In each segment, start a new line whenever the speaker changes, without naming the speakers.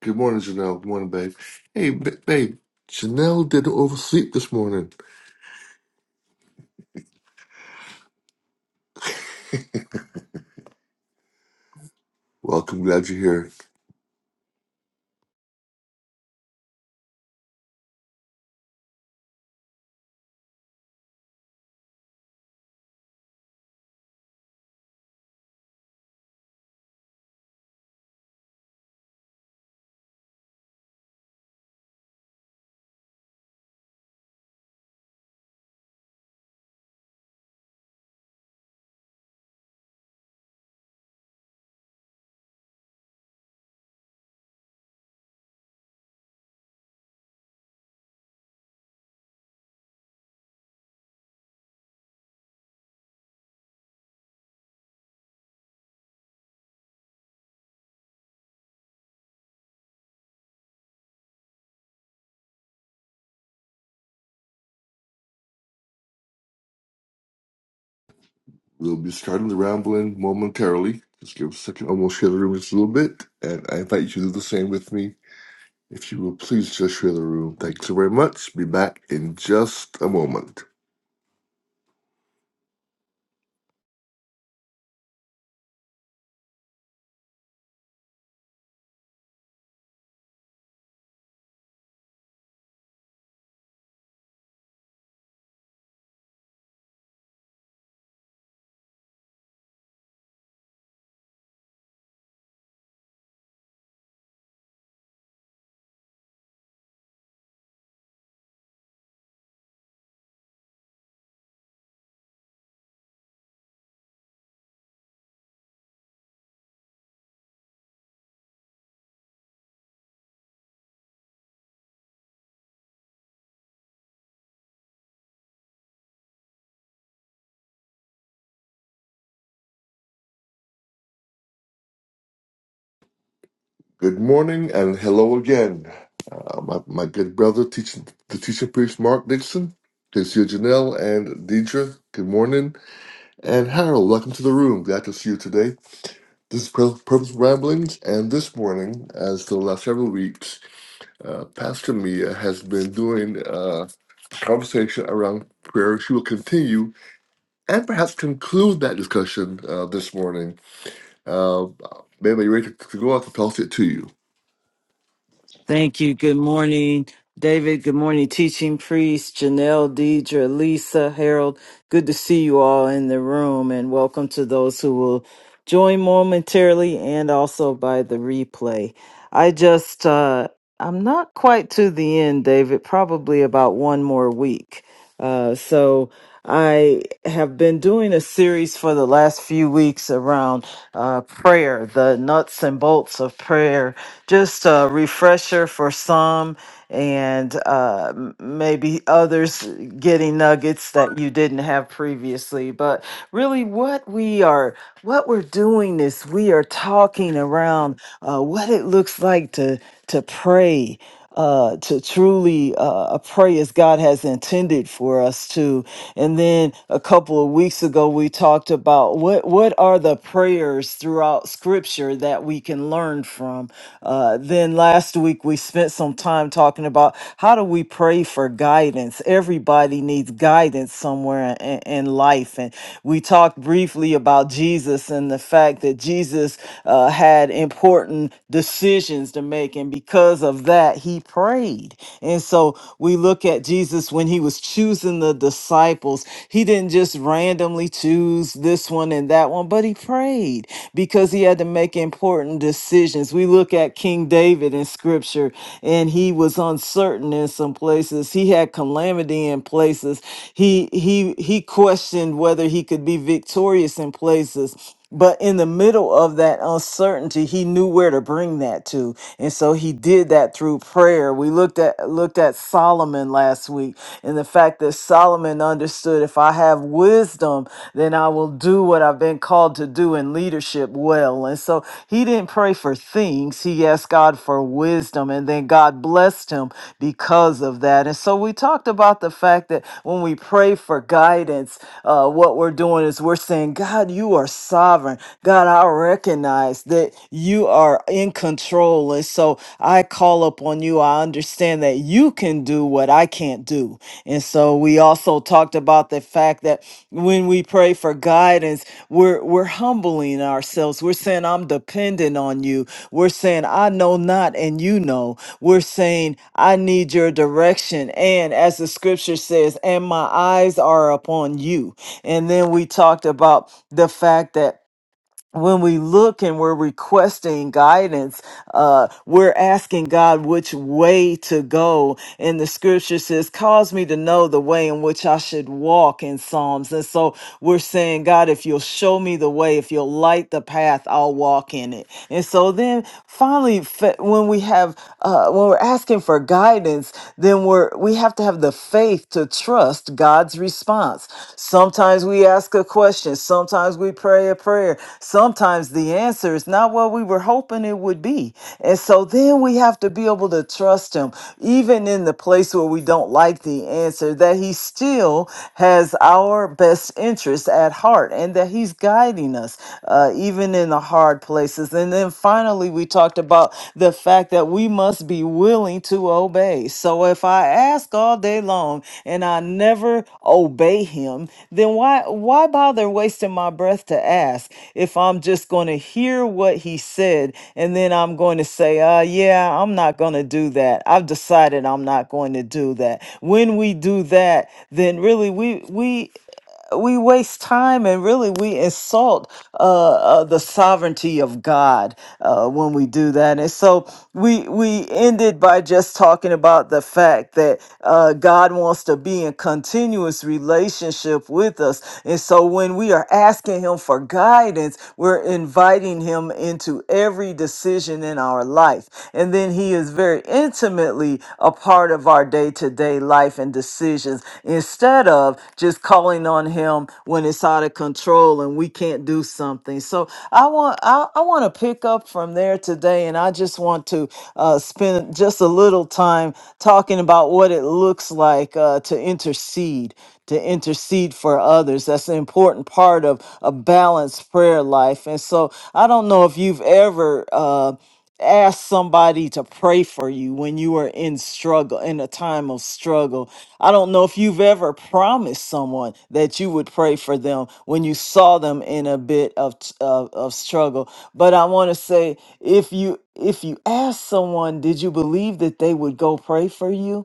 Good morning, Janelle. Good morning, babe. Hey, ba- babe. Janelle did oversleep this morning. Welcome. Glad you're here. We'll be starting the rambling momentarily. Just give us a second. I'm going to share the room just a little bit. And I invite you to do the same with me. If you will please just share the room. Thank you so very much. Be back in just a moment. Good morning and hello again. Uh, my, my good brother, teaching the teaching priest Mark Dixon. Good to see you, Janelle and Deidre. Good morning. And Harold, welcome to the room. Glad to see you today. This is Pro- Purpose Ramblings, and this morning, as for the last several weeks, uh, Pastor Mia has been doing uh, a conversation around prayer. She will continue and perhaps conclude that discussion uh, this morning. Uh, maybe you're ready to, to go. I can toss it to you.
Thank you. Good morning, David. Good morning, teaching priest, Janelle, Deidre, Lisa, Harold. Good to see you all in the room and welcome to those who will join momentarily and also by the replay. I just, uh, I'm not quite to the end, David, probably about one more week. Uh, so, I have been doing a series for the last few weeks around uh, prayer, the nuts and bolts of prayer, just a refresher for some and uh, m- maybe others getting nuggets that you didn't have previously. But really, what we are, what we're doing is we are talking around uh, what it looks like to to pray uh, to truly uh, uh, pray as God has intended for us to. And then a couple of weeks ago, we talked about what what are the prayers throughout Scripture that we can learn from. Uh, then last week we spent some time talking about how do we pray for guidance. Everybody needs guidance somewhere in, in life, and we talked briefly about Jesus and the fact that Jesus uh, had important decisions to make make. And because of that, he prayed. And so we look at Jesus when he was choosing the disciples. He didn't just randomly choose this one and that one, but he prayed because he had to make important decisions. We look at King David in scripture, and he was uncertain in some places. He had calamity in places. He he he questioned whether he could be victorious in places. But in the middle of that uncertainty, he knew where to bring that to. And so he did that through prayer. We looked at looked at Solomon last week and the fact that Solomon understood if I have wisdom, then I will do what I've been called to do in leadership well. And so he didn't pray for things. He asked God for wisdom and then God blessed him because of that. And so we talked about the fact that when we pray for guidance, uh, what we're doing is we're saying, God, you are sovereign sovereign. God, I recognize that you are in control. And so I call upon you. I understand that you can do what I can't do. And so we also talked about the fact that when we pray for guidance, we're we're humbling ourselves. We're saying, I'm dependent on you. We're saying, I know not and you know. We're saying, I need your direction. And as the scripture says, and my eyes are upon you. And then we talked about the fact that when we look and we're requesting guidance, uh, we're asking God which way to go. And the scripture says, Cause me to know the way in which I should walk in Psalms. And so we're saying, God, if you'll show me the way, if you'll light the path, I'll walk in it. And so then finally, fa- when we have, uh, when we're asking for guidance, then we're, we have to have the faith faith to trust God's response. Sometimes we ask a question, sometimes we pray a prayer, sometimes the answer is not what we were hoping it would be. And so then we have to be able to trust Him, even in the place where we don't like the answer, that He still has our best interest at heart and that He's guiding us, uh, even in the hard places. And then finally, previously we talked about the fact that we must be willing to obey. So if I ask all day long and I never obey him, then why why bother wasting my breath to ask if I'm just going to hear what he said and then I'm going to say, "Uh yeah, I'm not going to do that. I've decided I'm not going to do that." When we do that, then really we we we waste time and really we insult uh, uh, the sovereignty of God uh, when we do that. And so we we ended by just talking about the fact that uh, God wants to be in continuous relationship with us. And so when we are asking Him for guidance, we're inviting Him into every decision in our life. And then He is very intimately a part of our day to day life and decisions instead of just calling on Him when it's out of control and we can't do something. So I want I, I want to pick up from there today, and I just want to uh, spend just a little time talking about what it looks like uh, to intercede to intercede for others. That's an important part of a balanced prayer life. And so I don't know if you've ever uh, asked somebody to pray for you when you are in struggle, in a time of struggle. I don't know if you've ever promised someone that you would pray for them when you saw them in a bit of, t- of, of struggle. But I want to say if you if you ask someone, did you believe that they would go pray for you?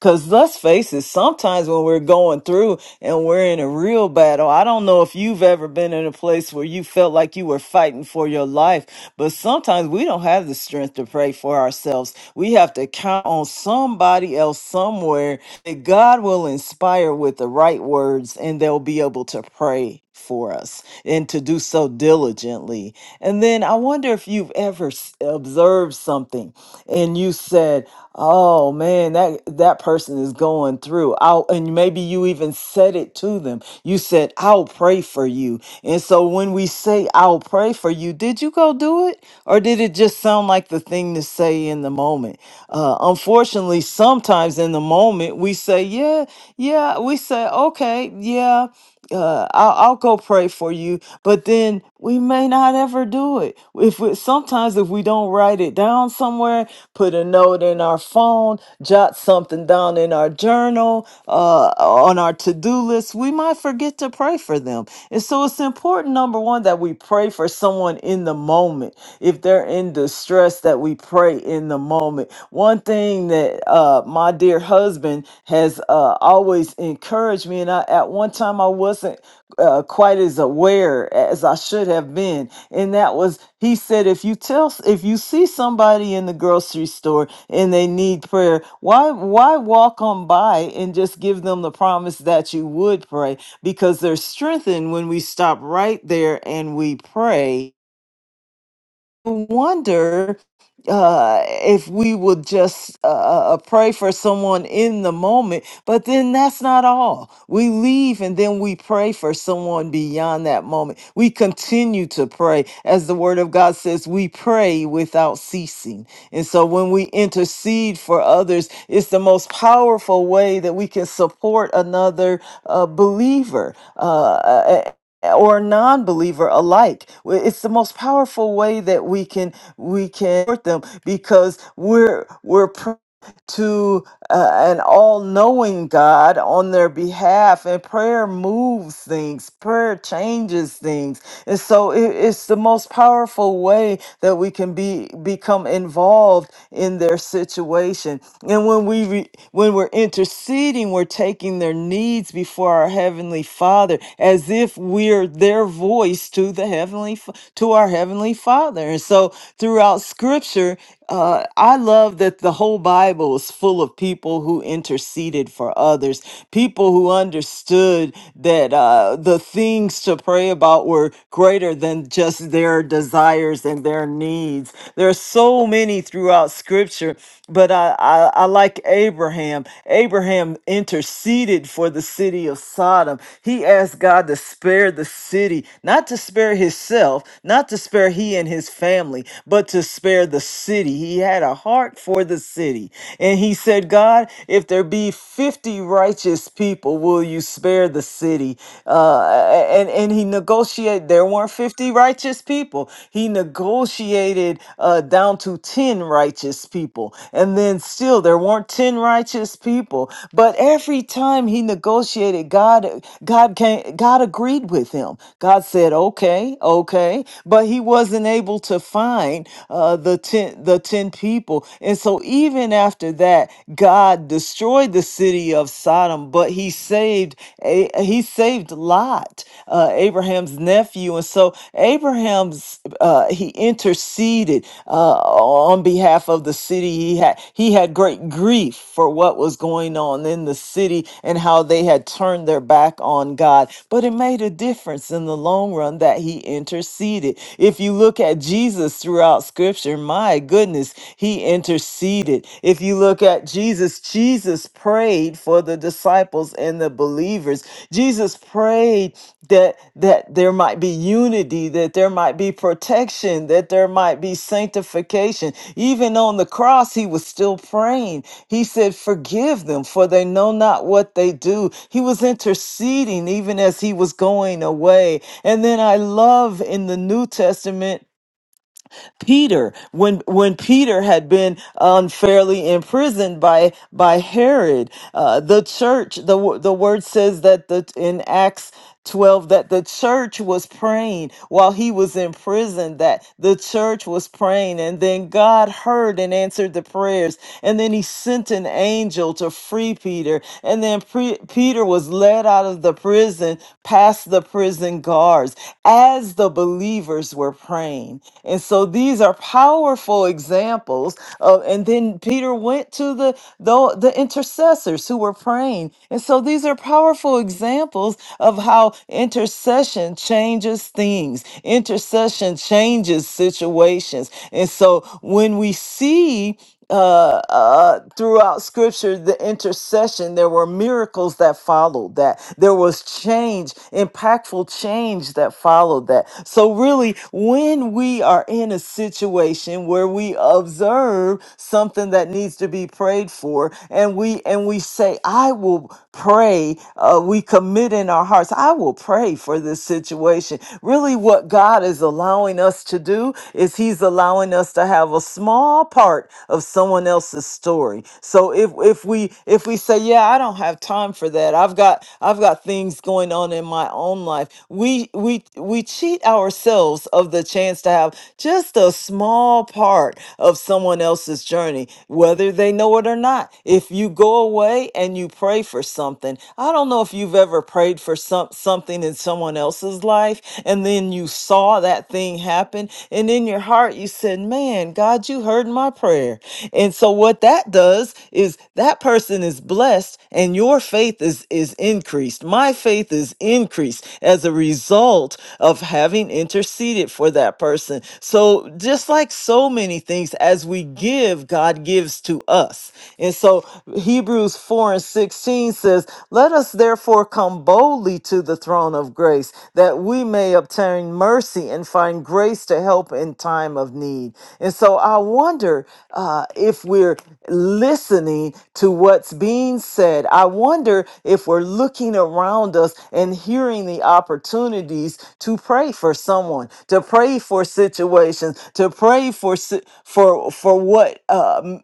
Because let's face it, sometimes when we're going through and we're in a real battle, I don't know if you've ever been in a place where you felt like you were fighting for your life, but sometimes we don't have the strength to pray for ourselves. We have to count on somebody else somewhere that God will inspire with the right words and they'll be able to pray for us and to do so diligently. And then I wonder if you've ever s- observed something and you said, "Oh man, that that person is going through." I'll, and maybe you even said it to them. You said, "I'll pray for you." And so when we say, I'll pray for you, did you go do it? Or did it just sound like the thing to say in the moment? Uh, unfortunately, sometimes in the moment, we say, yeah, yeah, we say, okay, yeah, uh, I'll, I'll go pray for you. But then we may not ever do it. If we, Sometimes if we don't write it down somewhere, put a note in our our phone, jot something down in our journal, uh, on our to do list, we might forget to pray for them. And so it's important, number one, that we pray for someone in the moment. If they're in distress, that we pray in the moment. One thing that uh, my dear husband has uh, always encouraged me, and I, at one time I wasn't uh, quite as aware as I should have been and that was he said if you tell if you see somebody in the grocery store and they need prayer, why why walk on by and just give them the promise that you would pray because they're strengthened when we stop right there and we pray wonder uh, if we would just uh, uh, uh, pray for someone in the moment, but then that's not all. We leave and then we pray for someone beyond that moment. We continue to pray. As the word of God says, we pray without ceasing. And so when we intercede for others, it's the most powerful way that we can support another uh, believer. Uh, uh, or non-believer alike W- it's the most powerful way that we can we can support them because we're we're to uh, an all knowing God on their behalf. And prayer moves things, prayer changes things. And so it, it's the most powerful way that we can be become involved in their situation. And when we re, when we're interceding, we're taking their needs before our heavenly Father as if we're their voice to the heavenly Fa- to our heavenly Father. And so throughout scripture, uh, I love that but the whole Bible is full of people who interceded for others, people who understood that uh, the things to pray about were greater than just their desires and their needs. There are so many throughout Scripture, but I, I, I like Abraham. Abraham interceded for the city of Sodom. He asked God to spare the city, not to spare himself, not to spare he and his family, but to spare the city. He had a heart for the city. And he said, God, if there be 50 righteous people, will you spare the city? Uh, and, and he negotiated, there weren't 50 righteous people. He negotiated uh, down to 10 righteous people. And then still, there weren't 10 righteous people. But every time he negotiated, God, God, came, God agreed with him. God said, okay, okay. But he wasn't able to find uh, the the 10 the 10 people and so even after that god destroyed the city of sodom but he saved A- he saved lot uh, abraham's nephew and so abraham's uh, he interceded uh, on behalf of the city he had he had great grief for what was going on in the city and how they had turned their back on god but it made a difference in the long run that he interceded if you look at jesus throughout throughout scripture. My goodness, he interceded. If you look at Jesus, Jesus prayed for the disciples and the believers. Jesus prayed that that there might be unity, that there might be protection, that there might be sanctification. Even on the cross he was still praying. He said, "Forgive them, for they know not what they do." He was interceding even as he was going away. And then I love in the New Testament Peter when when Peter had been unfairly imprisoned by by Herod uh, the church the wo- the word says that the in Acts 12 that the church was praying while he was in prison that the church was praying and then God heard and answered the prayers and then he sent an angel to free Peter and then pre- Peter was led out of the prison past the prison prison guards as the believers were praying. And so these are powerful examples. Of, and then Peter went to the, the the intercessors who were praying. And so these are powerful examples of how intercession changes things. Intercession changes situations. And so when we see uh, uh, throughout scripture, the intercession, there were miracles that followed that. There was change, impactful change that followed that. So, really, when we are in a situation where we observe something that needs to be prayed for, and we and we say, I will pray. Uh, we commit in our hearts. I will pray for this situation. Really, what God is allowing us to do is He's allowing us to have a small part of someone else's story. So if if we if we say, yeah, I don't have time for that. I've got I've got things going on in my own life. We we we cheat ourselves of the chance to have just a small part of someone else's journey, whether they know it or not. If you go away pray and you pray for something. I don't know if you've ever prayed for some something in someone else's life and then you saw that thing happen and in your heart you said, "Man, God, you heard my prayer." And so what that does is that person is blessed and your faith is is increased. My faith is increased as a result of having interceded for that person. So just like so many things as we give, God gives to us. And so so Hebrews 4 and 16 says, Let us therefore come boldly to the throne of grace, that we may obtain mercy and find grace to help in time of need. And so I wonder uh, if we're listening to what's being said. I wonder if we're looking around us and hearing the opportunities to pray for someone, to pray for situations, to pray for si- for for what. Um,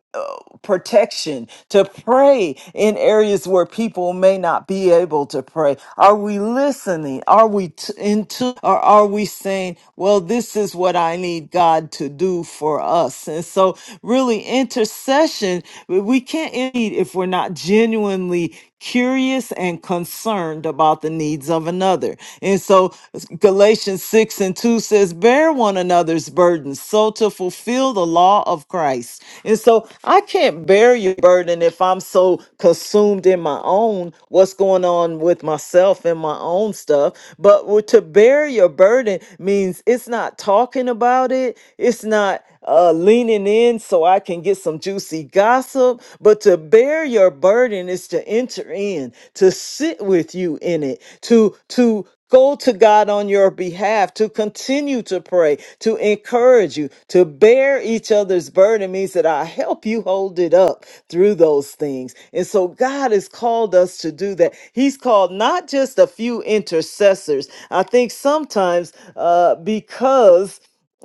protection, to pray in areas where people may not be able to pray? Are we listening? Are we t- into, or are we saying, well, this is what I need God to do for us? And so, really, intercession, we we can't need if we're not genuinely curious and concerned about the needs of another. And so Galatians 6 and 2 says, Bear one another's burdens, so to fulfill the law of Christ. And so I can't bear your burden if I'm so consumed in my own, what's going on with myself and my own stuff. But w- to bear your burden means it's not talking about it, it's not uh, leaning in so I can get some juicy gossip, but to bear your burden is to enter in, to sit with you in it, to to go to God on your behalf, to continue to pray, to encourage you, to bear each other's burden means that I help you hold it up through those things. And so God has called us to do that. He's called not just a few intercessors. I think sometimes uh, because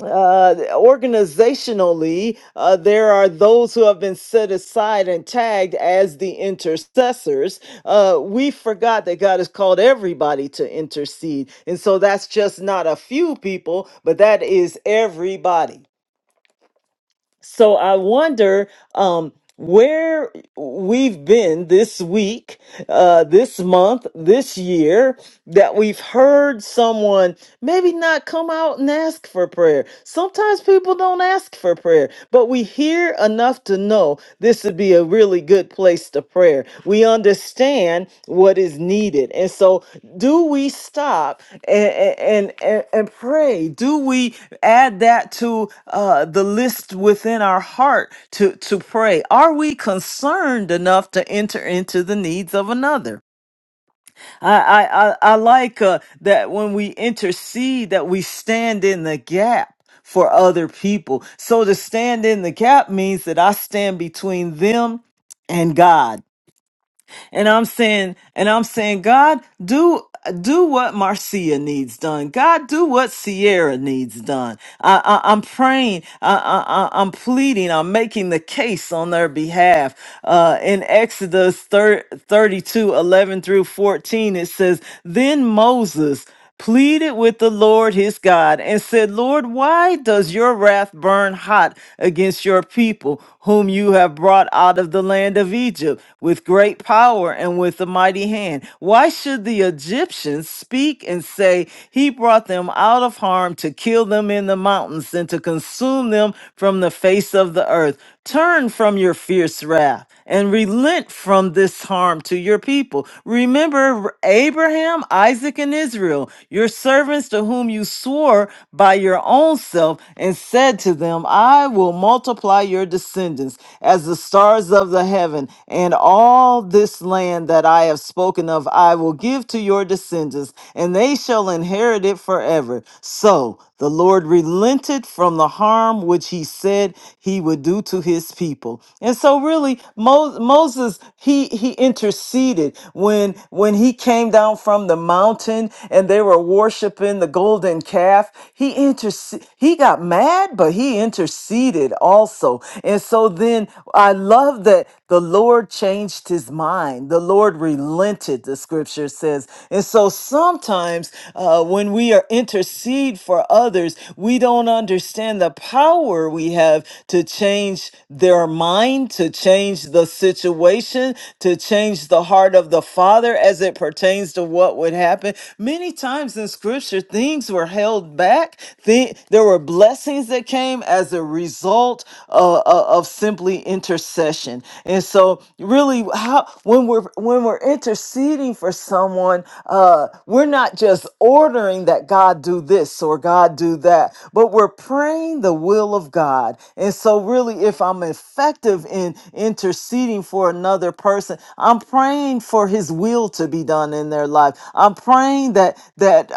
uh, organizationally, uh, there are those who have been set aside and tagged as the intercessors. Uh, we forgot that God has called everybody to intercede. And so that's just not a few people, but that is everybody. So I wonder um, where we've been this week, uh, this month, this year, that we've heard someone maybe not come out and ask for prayer. Sometimes people don't ask for prayer, but we hear enough to know this would be a really really good place to prayer. We understand what is needed. And so, do we stop and, and, and, and pray? Do we add that to uh, the list within our heart to, to pray? Are we concerned enough to enter into the needs of another? I I I, like uh, that when we intercede that we stand in the gap for other people. So to stand in the gap means that I stand between them and God. And I'm saying, and I'm saying, God, do do what Marcia needs done. God, do what Sierra needs done. I, I, I'm praying. I, I, I- I'm pleading. I'm making the case on their behalf. Uh, in Exodus 30, through 14, it says, "Then Moses." pleaded with the Lord his God and said, Lord, why does your wrath burn hot against your people, whom you have brought out of the land of Egypt with great power and with a mighty hand? Why should the Egyptians speak and say, He brought them out of harm to kill them in the mountains and to consume them from the face of the earth? Turn from your fierce wrath and relent from this harm to your people. Remember Abraham, Isaac, and Israel, your servants to whom you swore by your own self and said to them, I will multiply your descendants as the stars of the heaven, and all this land that I have spoken of I will give to your descendants, and they shall inherit it forever. So the Lord relented from the harm which he said he would do to his his people. And so really Mo- Moses he he interceded when when he came down from the mountain and they were worshiping the golden calf. He interce- he got mad but he interceded also. And so then I love that the Lord changed his mind. The Lord relented the scripture says. And so sometimes uh, when we are intercede for others, we don't understand the power we have we have to change their mind, to change the situation, to change the heart of the Father as it pertains to what would happen. Many times in Scripture, things were held back. Thi- There were blessings that came as a result uh, uh, of simply intercession. And so, really, how when we're when we're interceding for someone, uh, we're not just ordering that God do this or God do that, but we're we're praying the will of God. And so, really, if I'm effective in interceding for another person, I'm praying for His will to be done in their life. I'm praying that that uh,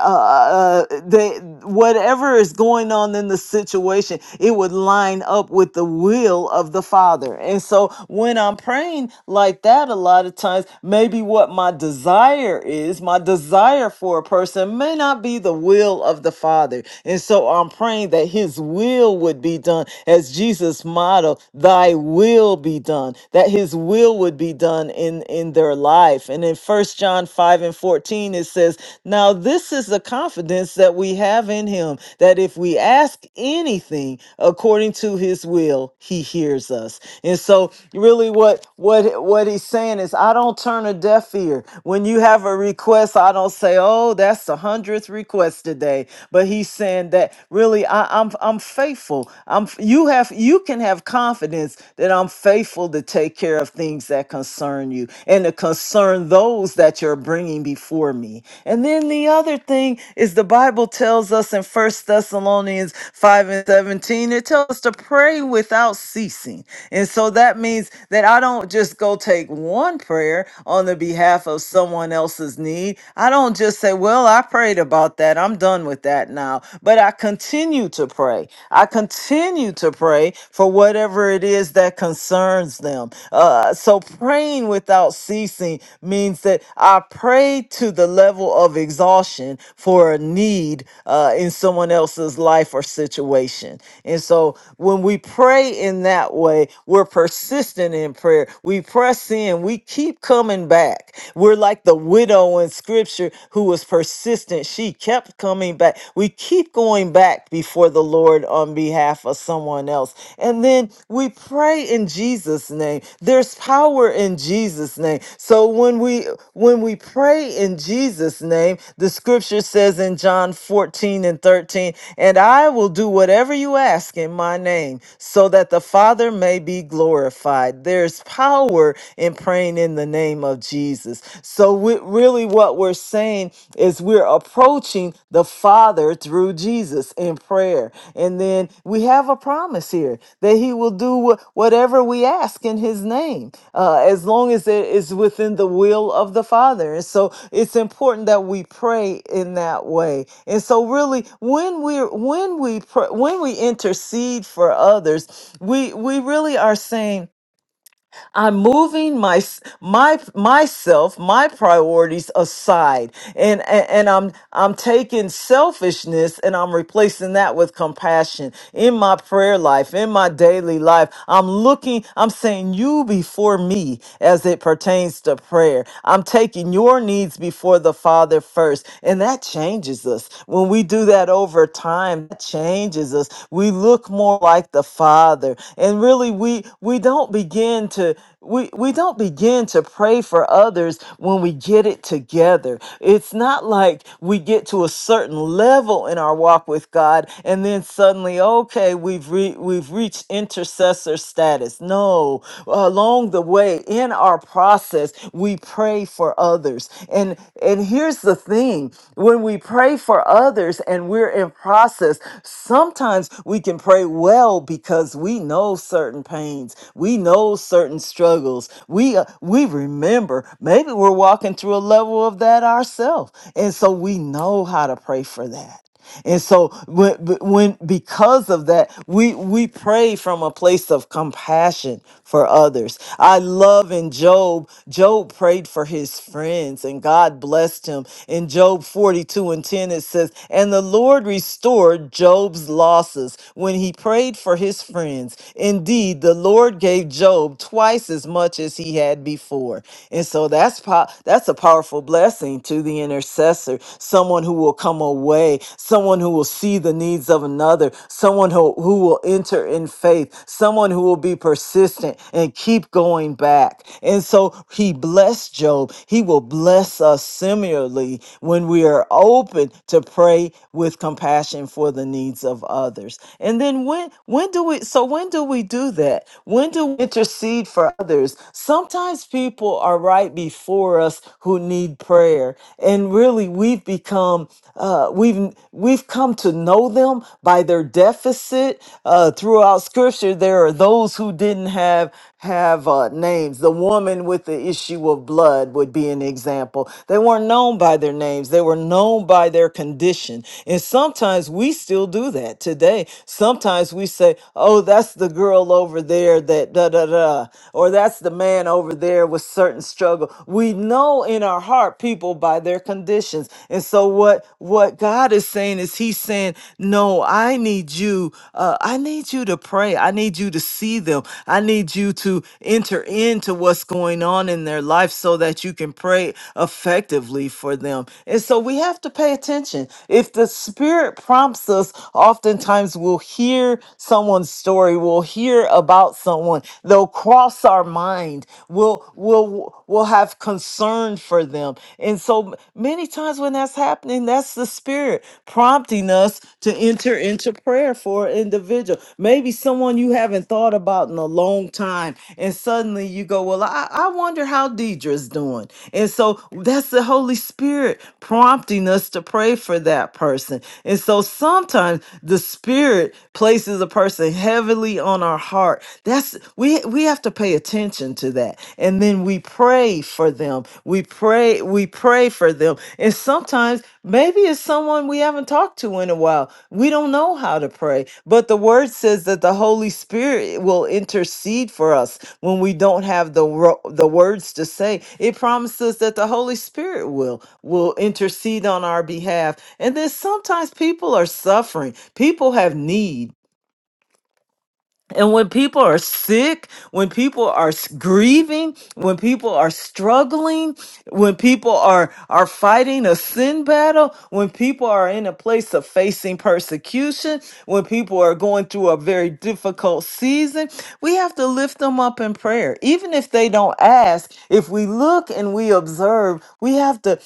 uh, they whatever is going on in the situation, it would line up with the will of the Father. And so, when I'm praying like that, a lot of times, maybe what my desire is, my desire for a person may not be the will of the Father. Father. And so I'm praying that his will would be done as Jesus modeled, thy will be done, that his will would be done in, in their life. And in First John 5 and 14, it says, Now this is the confidence that we have in him, that if we ask anything according to his will, he hears us. And so really what what what he's saying is I don't turn a deaf ear. When you have a request, I don't say, Oh, that's a hundredth request today, but he's saying that really I, I'm I'm faithful. I'm f- you have you can have confidence that I'm faithful to take care of things that concern you and to concern those that you're bringing before me. And then the other thing is the Bible tells us in First Thessalonians five and seventeen it tells us to pray without ceasing, and so that means that I don't just go take one prayer on the behalf of someone else's need need. I don't just say, well, I prayed about that. I'm done with that now. But I continue to pray. I continue to pray for whatever it is that concerns them. Uh, so praying without ceasing means that I pray to the level of exhaustion for a need uh, in someone else's life or situation. And so when we pray in that way, we're persistent in prayer. We press in, we keep coming back back. We're like the widow in scripture who was persistent. She kept coming back. We keep going back before the Lord on behalf of someone else. And then we pray in Jesus name. There's power in Jesus name. So when we when we pray in Jesus name, the scripture says in John 14 and 13, and I will do whatever you ask in my name so that the Father may be glorified. There's power and praying in the name of Jesus. So, we, really, what we're saying is we're approaching the Father through Jesus in prayer. And then we have a promise here that He will do wh- whatever we ask in His name, uh, as long as it is within the will of the Father. And so, it's important that we pray in that way. And so, really, when we're when we pr- when we intercede for others, we we really are saying I'm moving my my myself, my priorities aside, and and, and I'm I'm taking selfishness and I'm replacing that with compassion in my prayer life, in my daily life. I'm looking. I'm saying you before me as it pertains to prayer. I'm taking your needs before the Father first, and that changes us when we do that over time. That changes us. We look more like the Father, and really we we don't begin begin to we we don't begin to pray for others when we get it together. It's not like we get to a certain level in our walk with God and then suddenly okay, we've re- we've reached intercessor status. No, along the way in our process, we pray for others. And and here's the thing, when we pray for others and we're in process, sometimes we can pray well because we know certain pains. We we know certain struggles. We uh, we remember. Maybe we're walking through a level of that ourselves, and so we know how to pray for that. And so when, when because of that, we we pray from a place of compassion for others. I love in Job, Job prayed for his friends and God blessed him. In Job 42 and 10 it says, "And the Lord restored Job's losses when he prayed for his friends. Indeed, the Lord Lord gave Job twice as much as he had before. And so that's po- that's a powerful blessing to the intercessor, someone who will come away, someone who will see the needs of another, someone who, who will enter in faith, someone who will be persistent and keep going back. And so he blessed Job. He will bless us similarly when we are open to pray with compassion for the needs of others. And then when when do we so when do we do? do that? When do we intercede for others? Sometimes people are right before us who need prayer, and really we've become uh, we've we've come to know them by their deficit. Uh, throughout Scripture, there are those who didn't have have uh, names. The woman with the issue of blood would be an example. They weren't known by their names. They were known by their condition. And sometimes we still do that today. Sometimes we say, "Oh, that's that's the girl over there that da da da, or that's the man over there with certain struggle. We know in our heart people by their conditions. And so what what God is saying is He's saying, No, I need you, uh, I need you to pray. I need you to see them. I need you to enter into what's going on in their life so that you can pray effectively for them. And so we have to pay attention. If the spirit prompts us, oftentimes we'll hear someone story, we'll hear about someone, they'll cross our mind, we'll, we'll, we'll have concern for them. And so many times when that's happening, that's the Spirit prompting us to enter into prayer for an individual. Maybe someone you haven't thought about in a long time, and suddenly you go, Well, I, I wonder how Deidre's doing. And so that's the Holy Spirit prompting us to pray for that person. And so sometimes the Spirit places a person person heavily on our heart. That's we we have to pay attention to that. And then we pray for them. We pray we pray for them. And sometimes maybe it's someone we haven't talked to in a while. We don't know how to pray. But the word says that the Holy Spirit will intercede for us when we don't have the ro- the words to say. It promises that the Holy Spirit will will intercede on our behalf. And then sometimes people are suffering. People have needs. And when people are sick, when people are s- grieving, when people are struggling, when people are, are fighting a sin battle, when people are in a place of facing persecution, when people are going through a very difficult season, we have to lift them up in prayer. Even if they don't ask, if we look and we observe, we have to,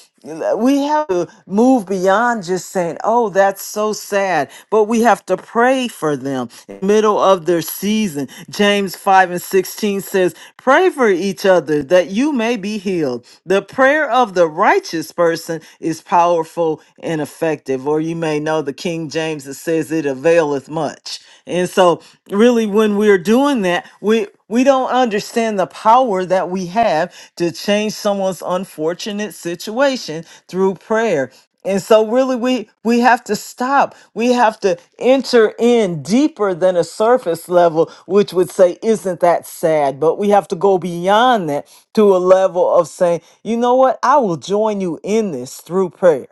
we have to move beyond just saying, oh, that's so sad, but we have to pray for them in the middle of their season. James 5 and 16 says, pray for each other that you may be healed. The prayer of the righteous person is powerful and effective. Or you may know the King James that says it availeth much. And so, really, when we're doing doing that, we we don't understand the power that we have to change someone's unfortunate situation through prayer. And so really we we have to stop. We have to enter in deeper than a surface level, which would say, isn't that sad? But we have to go beyond that to a level of saying, you know what? I will join you in this through prayer.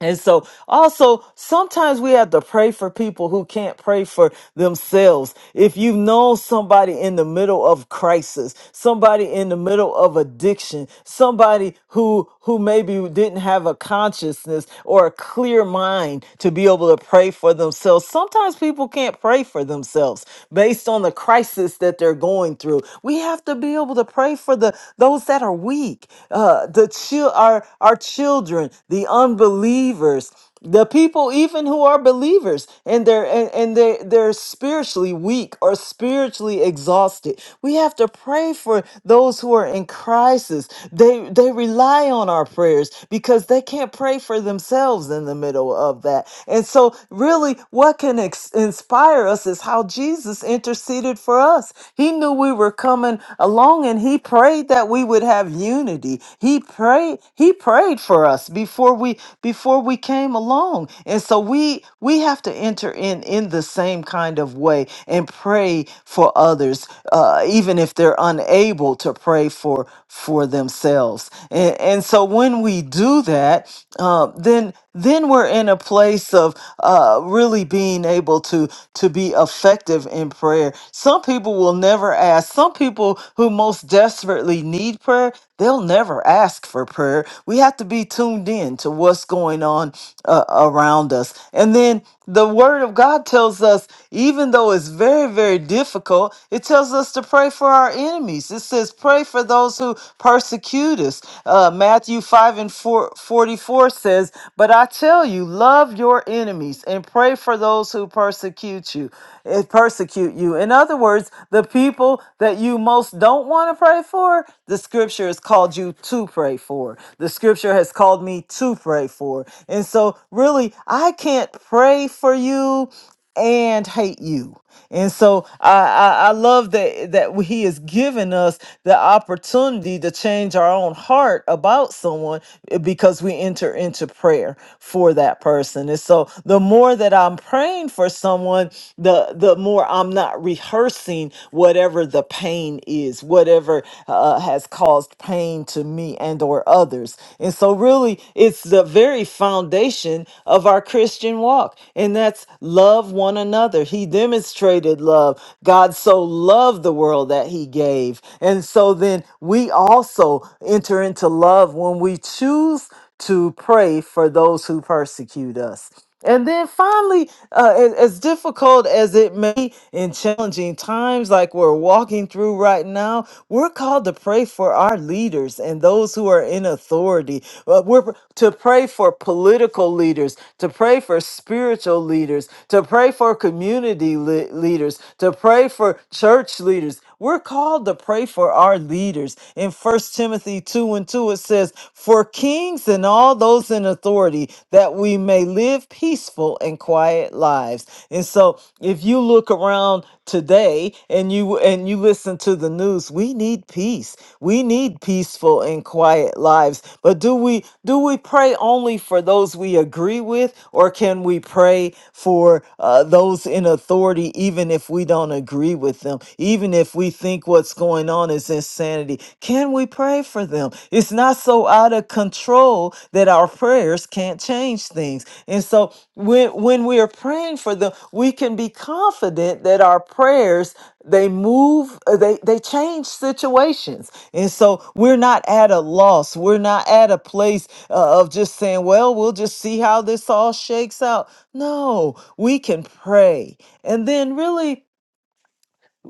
And so, also, sometimes we have to pray for people who can't pray for themselves. If you have known somebody in the middle of crisis, somebody in the middle of addiction, somebody who who maybe didn't have a consciousness or a clear mind to be able to pray for themselves, sometimes people can't pray for themselves based on the crisis that they're going through. We have to be able to pray for the those that are weak, uh, the chil- our, our children, the unbelievers, the people even who are believers and they're and, and they they're spiritually weak or spiritually exhausted we have to pray for those who are in crisis they they rely on our prayers because they can't pray for themselves in the middle of that and so really what can ex- inspire us is how jesus interceded for us he knew we were coming along and he prayed prayed that we would have unity. He prayed he prayed for us before we before we came along. And so we we have to enter in in the same kind of way and pray for others uh, even if they're unable to pray for for themselves. And and so when we do that, uh, then then we're in a place of uh, really being able to to be effective in prayer. Some people will never ask. Some people who most desperately need prayer, they'll never ask for prayer. We have to be tuned in to what's going on uh, around us, and then the word of God tells us, even though it's very, very difficult, it tells us to pray for our enemies. It says, pray for those who persecute us. Uh, Matthew 5 and 4 44 says, But I tell you, love your enemies and pray for those who persecute you it persecute you. In other words, the people that you most don't want to pray for, the scripture has called you to pray for. The scripture has called me to pray for. And so, really, I can't pray for you and hate you. And so I, I, I love that that he has given us the opportunity to change our own heart about someone eh, because we enter into prayer for that person. And so the more that I'm praying for someone, the the more I'm not rehearsing whatever the pain is, whatever uh, has caused pain to me and or others. And so really, it's the very foundation of our Christian walk, and that's love one another. He demonstrated love. God so loved the world that He gave. And so then we also enter into love when we choose to pray for those who persecute us. And then finally, uh, a- as difficult as it may be in challenging times like we're walking through right now, we're called to pray for our leaders and those who are in authority. Uh, we're pr- to pray for political leaders, to pray for spiritual leaders, to pray for community le- leaders, to pray for church leaders. We're called to pray for our leaders. In First Timothy 2 and 2, it says, For kings and all those in authority, that we may live peaceful and quiet lives. And so if you look around today and you and you listen to the news, we need peace. We need peaceful and quiet lives. But do we do we pray only for those we agree with, or can we pray for uh, those in authority even if we don't agree with? with them. Even if we think what's going on is insanity, can we pray for them? It's not so out of control that our prayers can't change things. And so when when we are praying for them, we can be confident that our prayers they move uh, they they change situations and so we're not at a loss we're not at a place uh, of just saying well we'll just see how this all shakes out no we can pray and then really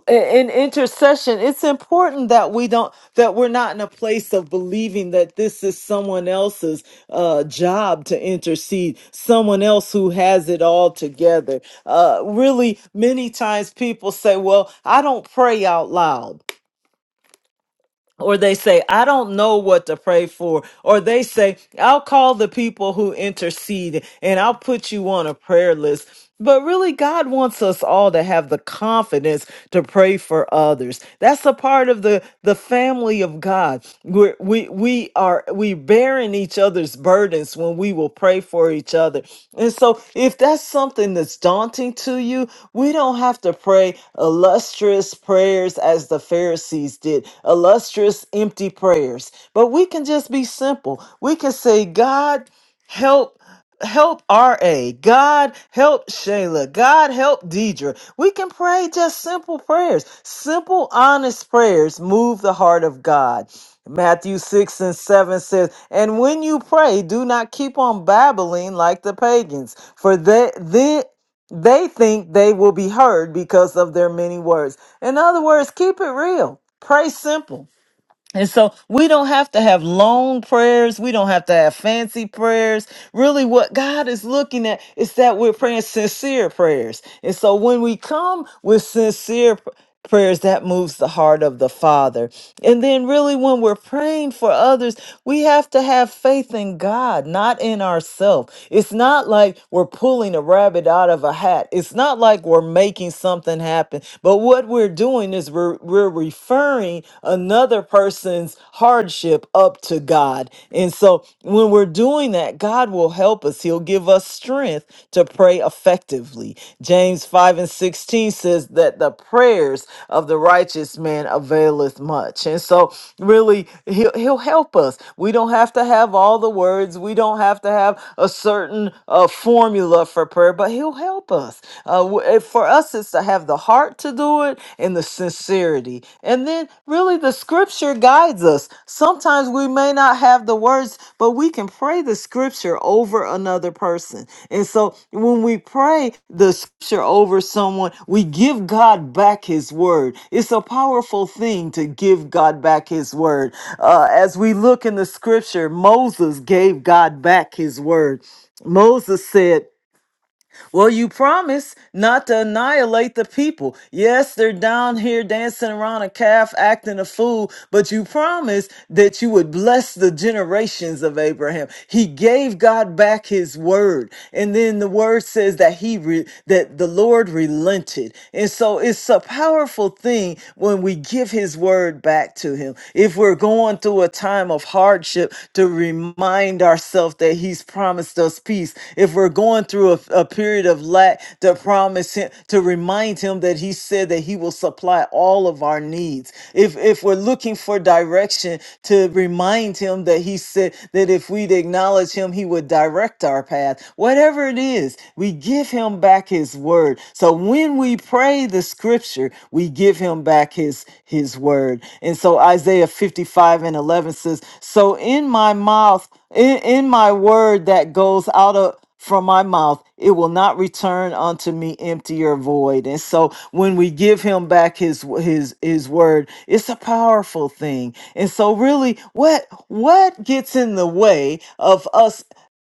in intercession it's important that we don't that we're not in a place of believing that this is someone else's uh job to intercede someone else who has it all together uh really many times people say well i don't pray out loud or they say, I don't know what to pray for, or they say, I'll call the people who intercede and I'll put you on a prayer list. But really, God wants us all to have the confidence to pray for others. That's a part of the, the family of God. We're, we, we are are we bearing each other's burdens when we will pray for each other. And so if that's something that's daunting to you, we don't have to pray illustrious prayers as the Pharisees did, illustrious empty prayers. But we can just be simple. We can say, God, help help RA. God help Shayla. God help Deidre. We can pray just simple prayers. Simple, honest prayers move the heart of God. Matthew 6 and 7 says, And when you pray, do not keep on babbling like the pagans, for they, they, they think they will be heard because of their many words. In other words, keep it real. Pray simple and so we don't have to have long prayers. We don't have to have fancy prayers. Really, what God is looking at is that we're praying sincere prayers. And so when we come with sincere p- prayers, that moves the heart of the Father. And then, really, when we're praying for others, we have to have faith in God, not in ourselves. It's not like we're pulling a rabbit out of a hat, it's not like we're making something happen. But what we're doing is we're, we're referring another person's hardship up to God. And so when we're doing that, God will help us. He'll give us strength to pray effectively. James 5 and 16 says that the prayers of the righteous man availeth much. And so really he'll, he'll help us. We don't have to have all the words. We don't have to have a certain uh, formula for prayer, but he'll help us us. Uh, w- eh, for us, it's to have the heart to do it and the sincerity. And then, really, the scripture guides us. Sometimes we may not have the words, but we can pray the scripture over another person. And so, when we pray the scripture over someone, we give God back his word. It's a powerful thing to give God back his word. Uh, as we look in the scripture, Moses gave God back his word. Moses said, well, you promise not to annihilate the people. Yes, they're down here dancing around a calf, acting a fool, but you promised that you would bless the generations of Abraham. He gave God back his word. And then the word says that he re- that the Lord relented. And so it's a powerful thing when we give his word back to him. If we're going through a time of of hardship to remind ourselves that He's promised us peace. If we're going through a, a period of lack, to promise Him, to remind Him that He said that He will supply all of our needs. If if we're looking for direction, to remind Him that He said that if we'd acknowledge Him, He would direct our path. Whatever it is, we give Him back His word. So when we praise obey the scripture, we give him back his his word. And so Isaiah 55 and 11 says, "So in my mouth, in, in my word that goes out of from my mouth, it will not return unto me empty or void. And so when we give him back his his his word, it's a powerful thing. And so really what what gets in the way of us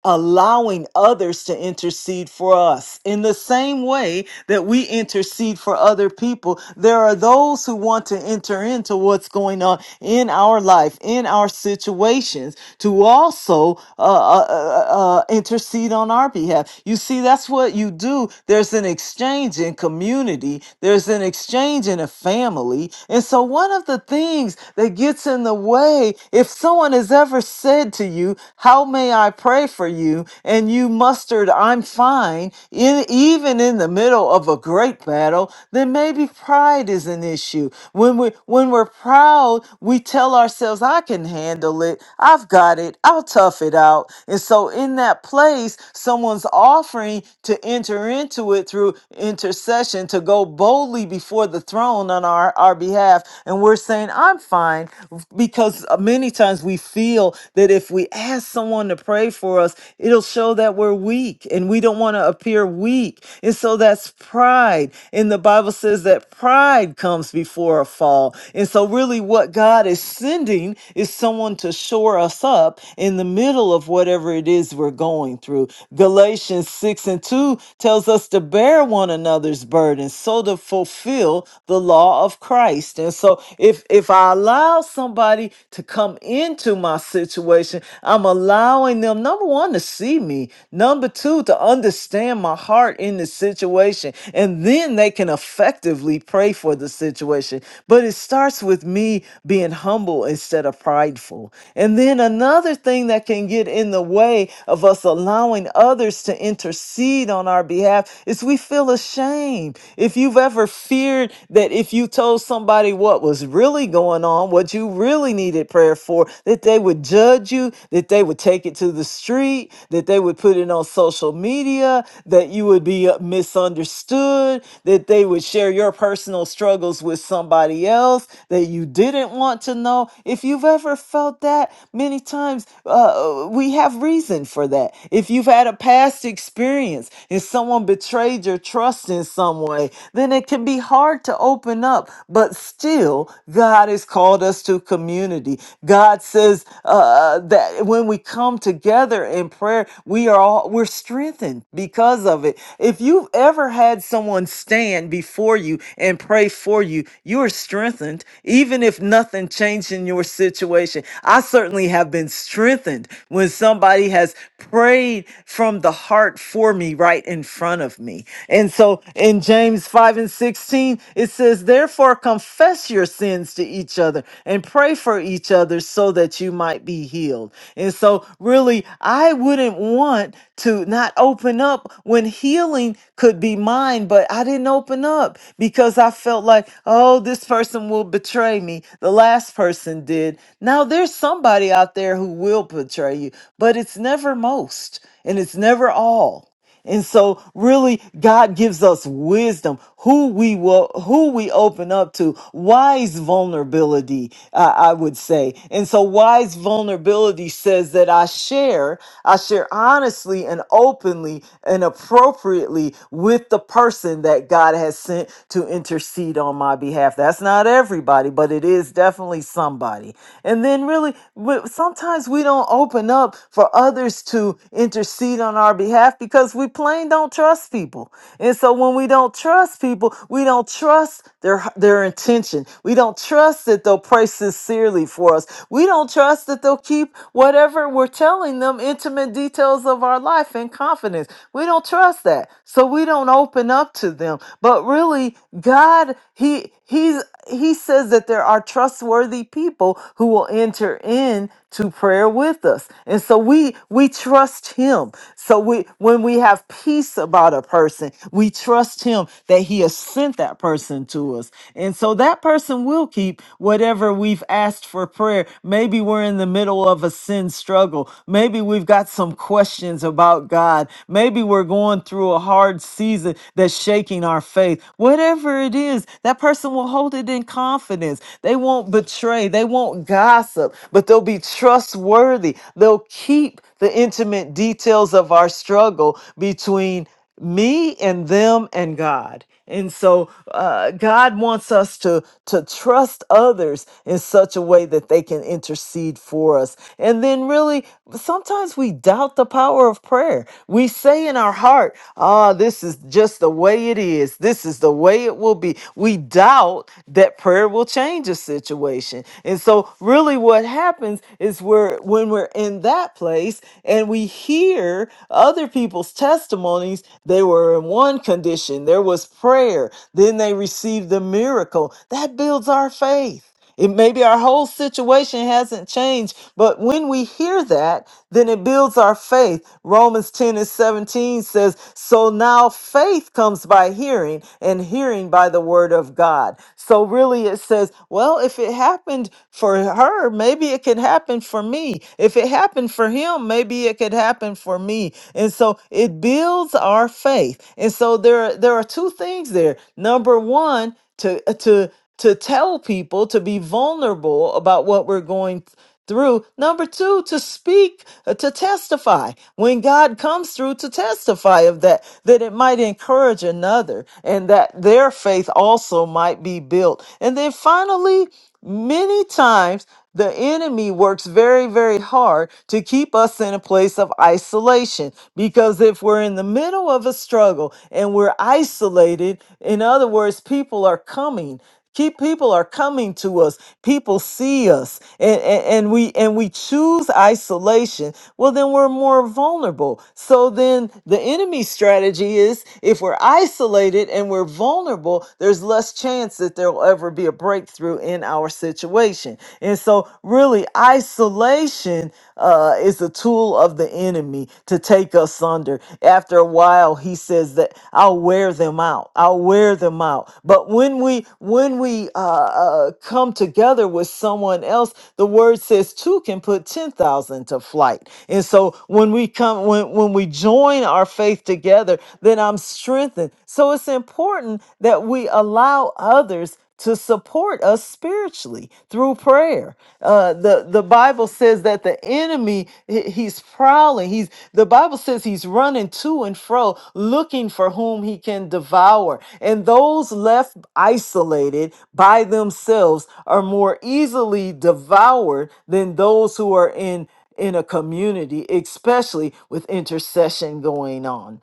allowing others to intercede for us. In the same way that we intercede for other people, there are those who want to enter into what's going on in our life, in our situations, to also uh, uh, uh, uh, uh, intercede on our behalf. You see, that's what you do. There's an exchange in community, there's an exchange in a family. And so, one of the things that gets in the way, if someone has ever said to to you, How may I pray for you? And you mustered, I'm fine, in, even in the middle of a great battle, then maybe pride is an issue. When, we, when we're proud, we tell ourselves, I can handle it. I've got it. I'll tough it out. And so, in that place, someone's offering to enter into it through intercession, to go boldly before the throne on our, our behalf. And we're saying, I'm fine because many times we feel that if we ask someone to pray for us, it'll show that we're weak and we don't want to appear weak. And so that's pride. And the Bible says that pride comes before a fall. And so, really, what God is sending is someone to shore us up in the middle of whatever it is we're going through. Galatians 6 and 2 tells us to bear one another's burdens so to fulfill the law of Christ. And so, if if I allow somebody to come into my situation, I'm allowing them, number one, to see me, number two, to understand my heart in the situation, and then they can effectively pray for the situation. But it starts with me being humble instead of prideful. And then another thing that can get in the way of us allowing others to intercede on our behalf is we feel ashamed. If you've ever feared that if you told told somebody what was really going on, what you really needed prayer for, that they would judge you, that they would take it to the street, that they would put it on social media, that you would be uh, misunderstood, that they would share your personal struggles with somebody else that you didn't want to know. If you've ever felt that, many times uh, uh, we have reason for that. If you've had a past experience and someone betrayed your trust in some way, then and it can be hard to open up, but still, God has called us to community. God says uh, that when we come together in prayer, we are all we're strengthened because of it. If you've ever had someone stand before you and pray for you, you are strengthened, even if nothing changed in your situation. I certainly have been strengthened when somebody has prayed from the heart for me right in front of me. And so in James 5 and 16, it says, Therefore confess your sins to each other and pray for each other so that you might be healed. And so, really, I wouldn't want to not open up when healing could be mine, but I didn't open up because I felt like, oh, this person will betray me. The last person did. Now there's somebody out there who will betray you, but it's never most and it's never all. And so really God gives us wisdom who we will who we open up to wise vulnerability uh, I would say. And so wise vulnerability says that I share I share honestly and openly and appropriately with the person that God has sent to intercede on my behalf. That's not everybody, but it is definitely somebody. And then really but sometimes we don't open up for others to intercede intercede on our behalf because we plain don't trust people. And so when we don't trust people, we don't trust their their intention. We don't trust that they'll pray sincerely for us. We don't trust that they'll keep whatever we're telling them intimate details of our life in confidence. We don't trust that. So we don't open up to them. But really God he he's he says that there are trustworthy people who will enter in to prayer with us and so we we trust him so we when we have peace about a person we trust him that he has sent that person to us and so that person will keep whatever we've asked for prayer maybe we're in the middle of a sin struggle maybe we've got some questions about god maybe we're going through a hard season that's shaking our faith whatever it is that person person will hold it in confidence. They won't betray, they won't gossip, but they'll be trustworthy. They'll keep the intimate details of our struggle between me and them and God. And so uh, God wants us to, to trust others in such a way that they can intercede for us. And then, really, sometimes we doubt the power of prayer. We say in our heart, ah, this is just the way it is. This is the way it will be. We doubt that prayer will change a situation. And so, really, what happens is we're when we're in that place and we hear other people's testimonies, they were in one condition, there was prayer, then they received the miracle. That builds our faith. It maybe our whole situation hasn't changed, but when we hear that, then it builds our faith. Romans 10 and 17 says, So now faith comes by hearing, and hearing by the word of God. So really it says, Well, if it happened for her, maybe it could happen for me. If it happened for him, maybe it could happen for me. And so it builds our faith. And so there, are- there are two things there. Number one, to to to tell people to be vulnerable about what we're going through. Number two, to speak, uh, to testify. When God comes through, to testify of that, that it might encourage another and that their faith also might be built. And then finally, many times the enemy works very, very hard to keep us in a place of isolation because if we're in the middle of a struggle and we're isolated, in other words, people are coming. Keep people are coming to us. People see us, and, and and we and we choose isolation. Well, then we're more vulnerable. So then the enemy strategy is if we're isolated and we're vulnerable, there's less chance that there'll ever be a breakthrough in our situation. And so, really, isolation uh, is a tool of the enemy to take break asunder. After a while, he says that I'll wear them out. I'll wear them out. But when we when we uh, uh, come together with someone else, the word says two can put ten thousand to flight. And so when we come when when we join our faith together, then I'm strengthened. So it's important that we allow others to support us spiritually through prayer. Uh, the the Bible says that the enemy he- he's prowling. He's the Bible says he's running to and fro, looking for whom he can devour. And those left isolated by themselves are more easily devoured than those who are in in a community, especially with intercession going on.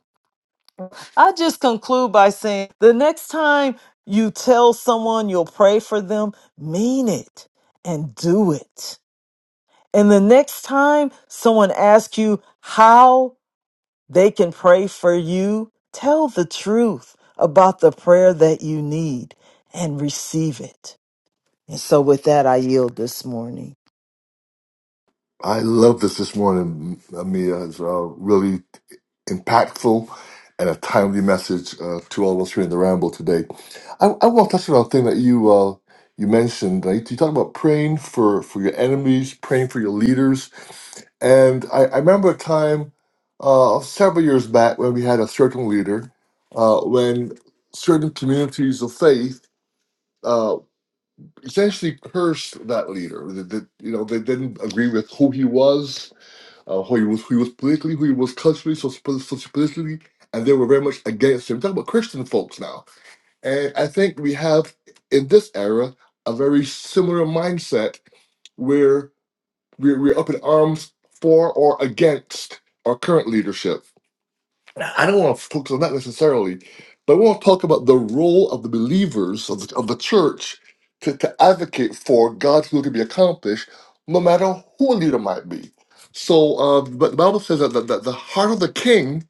I just conclude by saying the next time you tell someone you'll pray for them, mean it and do it. And the next time someone asks you how they can pray for you, tell the truth about the prayer that you need and receive it. And so, with that, I yield this morning.
I love this this morning, Amia. It's uh, really impactful and a timely message uh, to all of us here in the Ramble today. I, I want to touch on a thing that you uh, you mentioned. Uh, you talk about praying for, for your enemies, praying for your leaders. And I, I remember a time uh, several years back when we had a certain leader, uh, when certain communities of faith uh, essentially cursed that leader. That, you know, they didn't agree with who he was uh, who he was who he was politically, who he was culturally, soci- sociopolitically, and they were very much against him. Talk about Christian folks now, and I think we have in this era a very similar mindset where we're, we're up in arms for or against our current leadership. I don't want to focus on that necessarily, but I want to talk about the role of the believers of the, of the church to, to advocate for God's will to be accomplished, no matter who a leader might be. So, uh, but the Bible says that the, that the heart of the king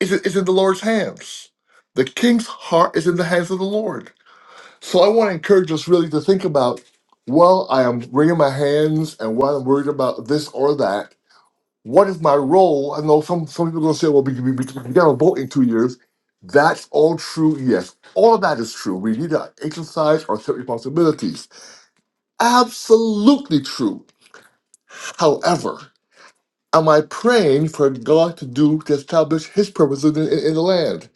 is, is in the Lord's hands. The king's heart is in the hands of the Lord. So, I want to encourage us really to think about, well, I am wringing my hands and while I'm worried about this or that what is my role? I know some, some people are going to say, well, we, we, we got to vote in two years. That's all true, yes. All of that is true. We need to exercise our civic responsibilities. Absolutely true. However, am I praying for God to do to establish His purposes in, in, in the land?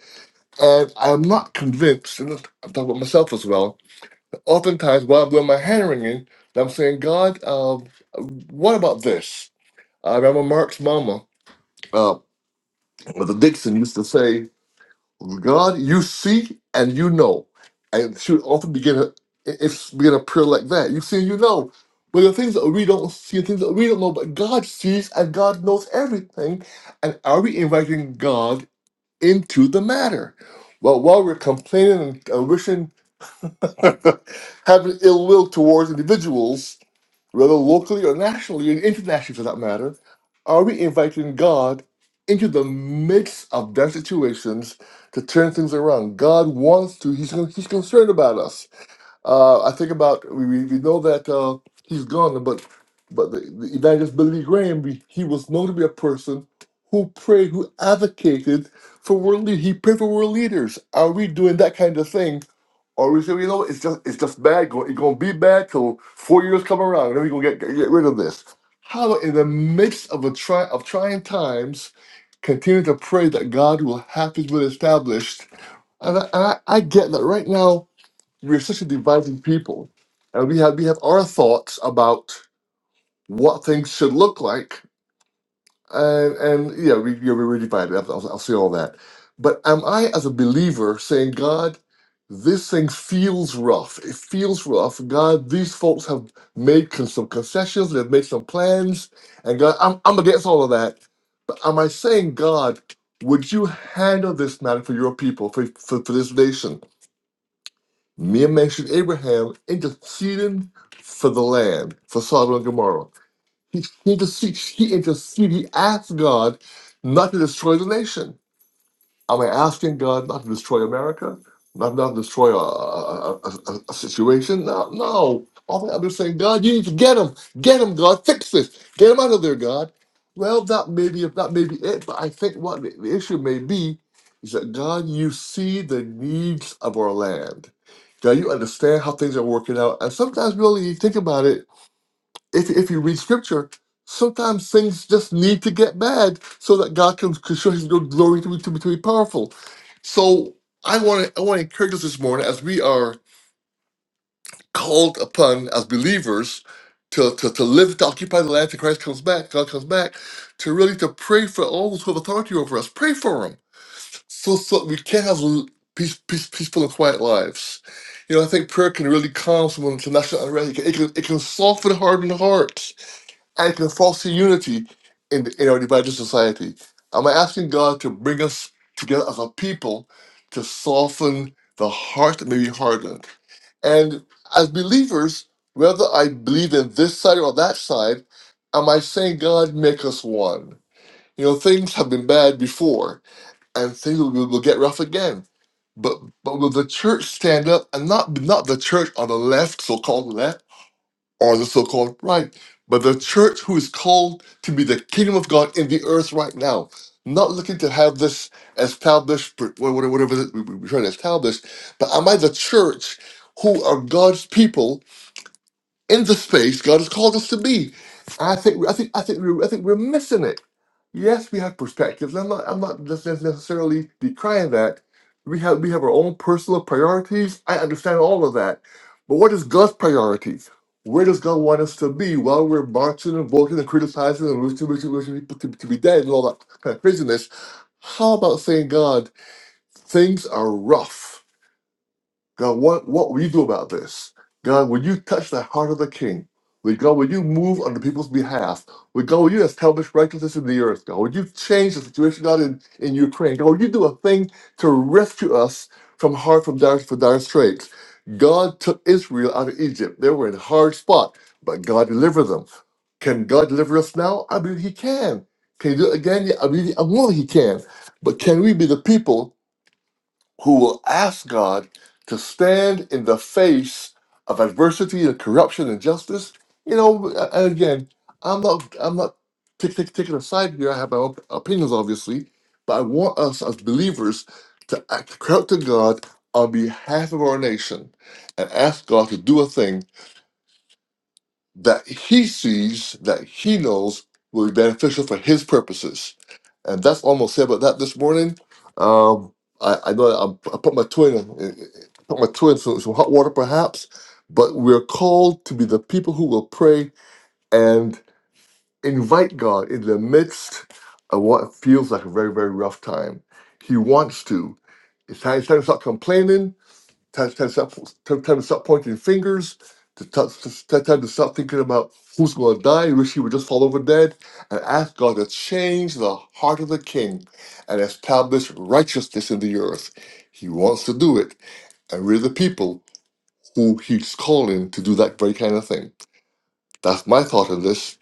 And I'm not convinced, and I'm talking about myself as well, that oftentimes while I'm doing my hand wringing, that I'm saying, God, um, what about this? I remember Mark's mama, uh, Mother Dixon, used to say. God, you see and you know. And she would often begin a, it's begin a prayer like that. You see and you know. But the things that we don't see and things that we don't know, but God sees and God knows everything. And are we inviting God into the matter? Well, while we're complaining and wishing, having ill will towards individuals, whether locally or nationally and internationally for that matter, are we inviting God into the midst of their situations to turn things around? God wants to, He's, con- he's concerned about us. Uh, I think about, we, we we know that uh, He's gone, but but the, the evangelist Billy Graham, we- he was known to be a person who prayed, who advocated for world leaders. He prayed for world leaders. Are we doing that kind of thing? Or we say, you know, it's just it's just bad. Go- It's gonna be bad till four years come around, and then we gonna get get rid of this. How in the midst of a try of trying times, continue to pray that God will have His will established. And I, and I, I get that right now we're such a divided people, and we have we have our thoughts about what things should look like, and and yeah, we yeah, we we're divided. I'll, I'll I'll say all that. But am I, as a believer, saying, God, this thing feels rough. It feels rough. God, these folks have made con- some concessions. They've made some plans, and God, I'm I'm against all of that. But am I saying, God, would you handle this matter for your people, for for, for this nation? Me and mentioned Abraham interceding for the land, for Sodom and Gomorrah. He, he, just, he, he interceded. He asked God not to destroy the nation. Am I asking God not to destroy America? Not, not to destroy a, a, a, a- a situation? No, no. All I'm just saying, God, you need to get him. Get him, God. Fix this. Get him out of there, God. Well, that may be, that may be it, but I think what the, the issue may be is that, God, you see the needs of our land. God, you understand how things are working out. And sometimes, really, you think about it, if, if you read scripture, sometimes things just need to get bad so that God can, can show his good glory to be, to be, to be powerful. So I want to I want to encourage us this morning as we are called upon as believers to, to, to live, to occupy the land till Christ comes back, God comes back, to really to pray for all those who have authority over us. Pray for them so, so that we can have l- peace, peace, peaceful and quiet lives. You know, I think prayer can really calm someone to national unrest. It can, it can, it can soften hardened hearts and can foster unity in, the, in our divided society. I'm asking God to bring us together as a people to soften the heart that may be hardened. And as believers, whether I believe in this side or that side, am I saying, God, make us one? You know, things have been bad before, and things will, will get rough again. But but will the church stand up and not not the church on the left, so-called left? or the so called right, but the church who is called to be the kingdom of God in the earth right now, not looking to have this established, wh- wh- whatever it is we- we- we're trying to establish, but am I the church who are God's people in the space God has called us to be. And I think I think I think we're, I think we're missing it. Yes, we have perspectives. I'm not I'm not just necessarily decrying that. We have we have our own personal priorities. I understand all of that. But what is God's priorities? Where does God want us to be while we're marching and voting and criticizing and wishing, wishing, wishing people to, to be dead and all that kind of craziness? How about saying, God, things are rough. God, what, what will you do about this? God, will you touch the heart of the king? Will God, will you move on the people's behalf? Will God, will you establish righteousness in the earth? God, will you change the situation, God, in, in Ukraine? God, will you do a thing to rescue us from hard, from dire, from dire straits? God took Israel out of Egypt. They were in a hard spot, but God delivered them. Can God deliver us now? I believe He can. Can He do it again? Yeah, I believe I know He can. But can we be the people who will ask God to stand in the face of adversity and corruption and justice. You know, and again, I'm not I'm not tick, tick, taking a side here. I have my own opinions, obviously, but I want us as believers to act to cry out to God on behalf of our nation and ask God to do a thing that He sees that He knows will be beneficial for His purposes. And that's almost it about that this morning. Um, I, I know I, I put my twin in, eh, eh, eh, put my twin in some, some hot water perhaps, but we're called to be the people who will pray and invite God in the midst of what feels like a very, very rough time. He wants to. It's time, it's time to stop complaining Time, time, to stop, time, time to stop pointing fingers. To t- time, time to stop thinking about who's going to die. You wish he would just fall over dead and ask God to change the heart of the king and establish righteousness in the earth. He wants to do it and we're the people who he's calling to do that very kind of thing. That's my thought on this.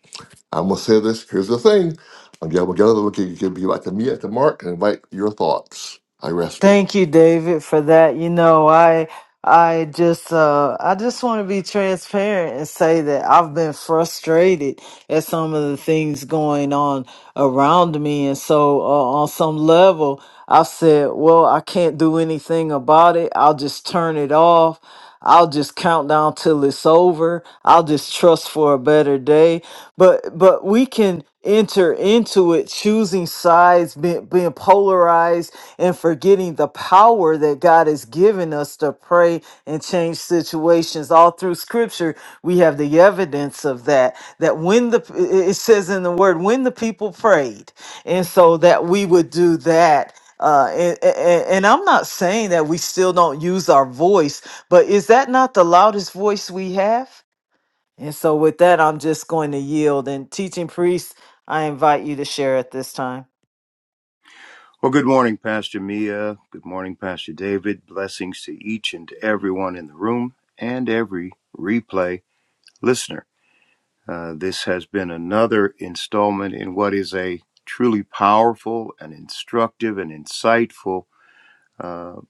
I'm gonna say this. Here's the thing. I'm gonna get other can can be back to Mia to Mark and invite your thoughts. I rest it.
Thank you, David, for that. You know, I I just uh I just want to be transparent and say that I've been frustrated at some of the things going on around me and so uh, on some level I've said, well, I can't do anything about it. I'll just turn it off. I'll just count down till it's over. I'll just trust for a better day. But but we can enter into it choosing sides, being, being polarized, and forgetting the power that God has given us to pray and change situations. All through Scripture, we have the evidence of that. That when the it it says in the Word, when the people prayed, and so that we would do that uh, and, and, and I'm not saying that we still don't use our voice but is that not the loudest voice we have? And so, with that, I'm just going to yield. And, teaching priest, I invite you to share at this time.
Well, good morning, Pastor Mia. Good morning, Pastor David. Blessings to each and everyone in the room and every replay listener. Uh, this has been another installment in what is a truly powerful and instructive and insightful uh,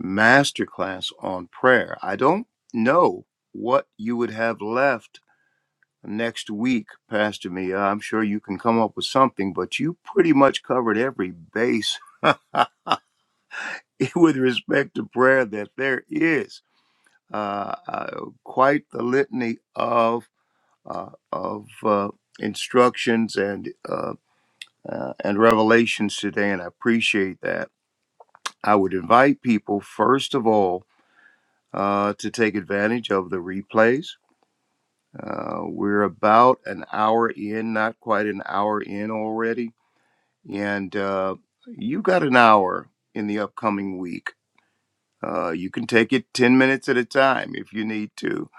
masterclass on prayer. I don't know what you would have left next week, Pastor Mia. I'm sure you can come up with something, but you pretty much covered every base with respect to prayer that there is uh, uh, quite the litany of uh, of uh, instructions and uh, uh, and revelations today, and I appreciate that. I would invite people first of all uh, to take advantage of the replays. Uh, we're about an hour in, not quite an hour in already, and uh, you got an hour in the upcoming week Uh, you can take it 10 minutes at a time if you need to.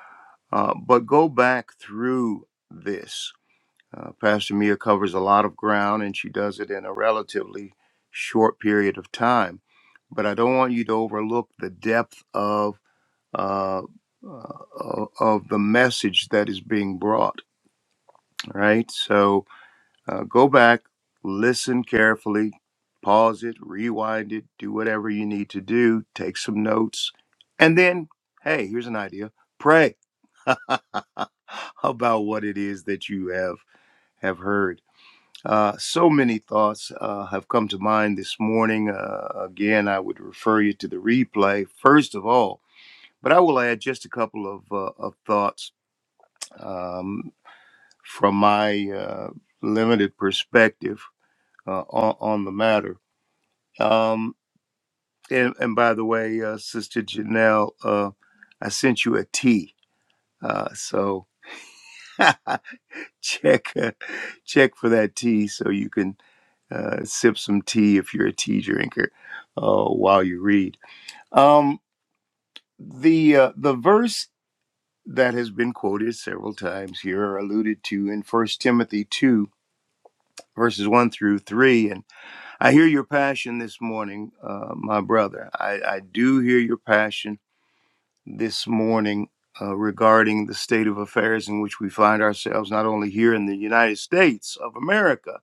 Uh, but go back through this. Uh, Pastor Mia covers a lot of ground and she does it in a relatively short period of time. But I don't want you to overlook the depth of. Uh, uh, of the message that is being brought, right? So, uh, go back, listen carefully, pause it, rewind it, do whatever you need to do, take some notes, and then, hey, here's an idea pray about what it is that you have, have heard. Uh, so many thoughts uh, have come to mind this morning. Uh, again, I would refer you to the replay, first of all, but I will add just a couple of, uh, of thoughts um, from my uh, limited perspective uh, on, on the matter. Um, and, and by the way, uh, Sister Janelle, uh, I sent you a tea. Uh, so check uh, check for that tea so you can uh, sip some tea if you're a tea drinker uh, while you read. Um, the uh, the verse that has been quoted several times here or alluded to in First Timothy two verses one through three, and. I hear your passion this morning, uh, my brother. I, I do hear your passion this morning uh, regarding the state of affairs in which we find ourselves, not only here in the United States of America.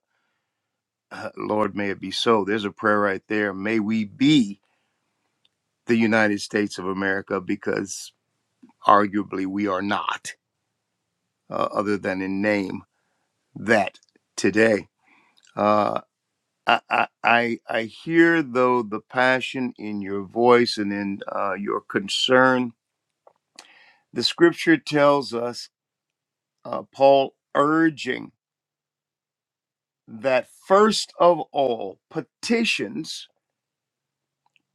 Uh, Lord, may it be so. There's a prayer right there. May we be the United States of America because arguably we are not, uh, other than in name, that today. Uh, I, I I I hear though the passion in your voice and in uh, your concern. The scripture tells us, uh, Paul urging that first of all, petitions,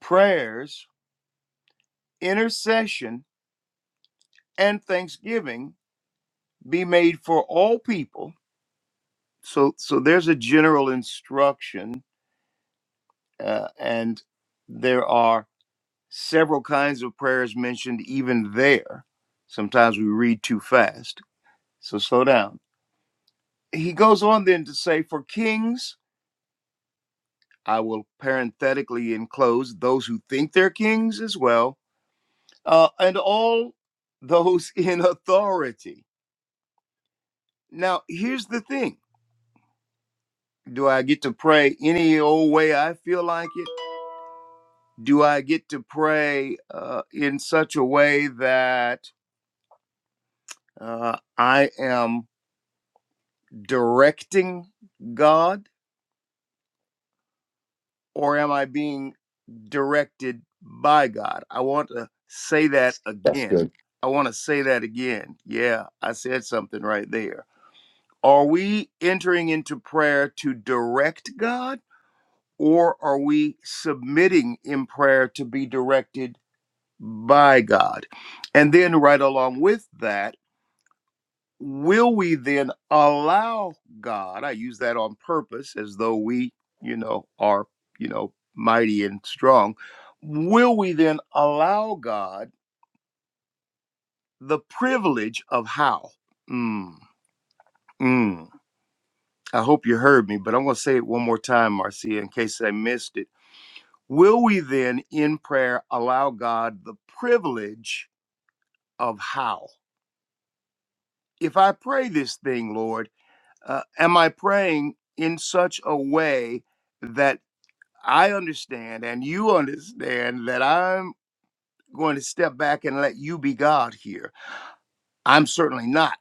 prayers, intercession, and thanksgiving be made for all people. So so there's a general instruction, uh, and there are several kinds of prayers mentioned even there. Sometimes we read too fast So slow down. He goes on then to say, For kings, I will parenthetically enclose those who think they're kings as well, uh, and all those in authority. Now, here's the thing Do I get to pray any old way I feel like it? Do I get to pray uh, in such a way that uh, I am directing God? or am I being directed by God? I want to say that
That's
again.
good.
I want to say that again. Yeah, I said something right there. Are we entering into prayer to direct God, or are we submitting in prayer to be directed by God? And then, right along with that, will we then allow God? I use that on purpose as though we, you know, are, you know, mighty and strong. Will we then allow God the privilege of how? Mm, mm. I hope you heard me, but I'm going to say it one more time, Marcia, in case I missed it. Will we then in prayer allow God the privilege of how? If I pray this thing, Lord, uh, am I praying in such a way? that I understand and you understand that I'm going to step back and let you be God here. I'm certainly not.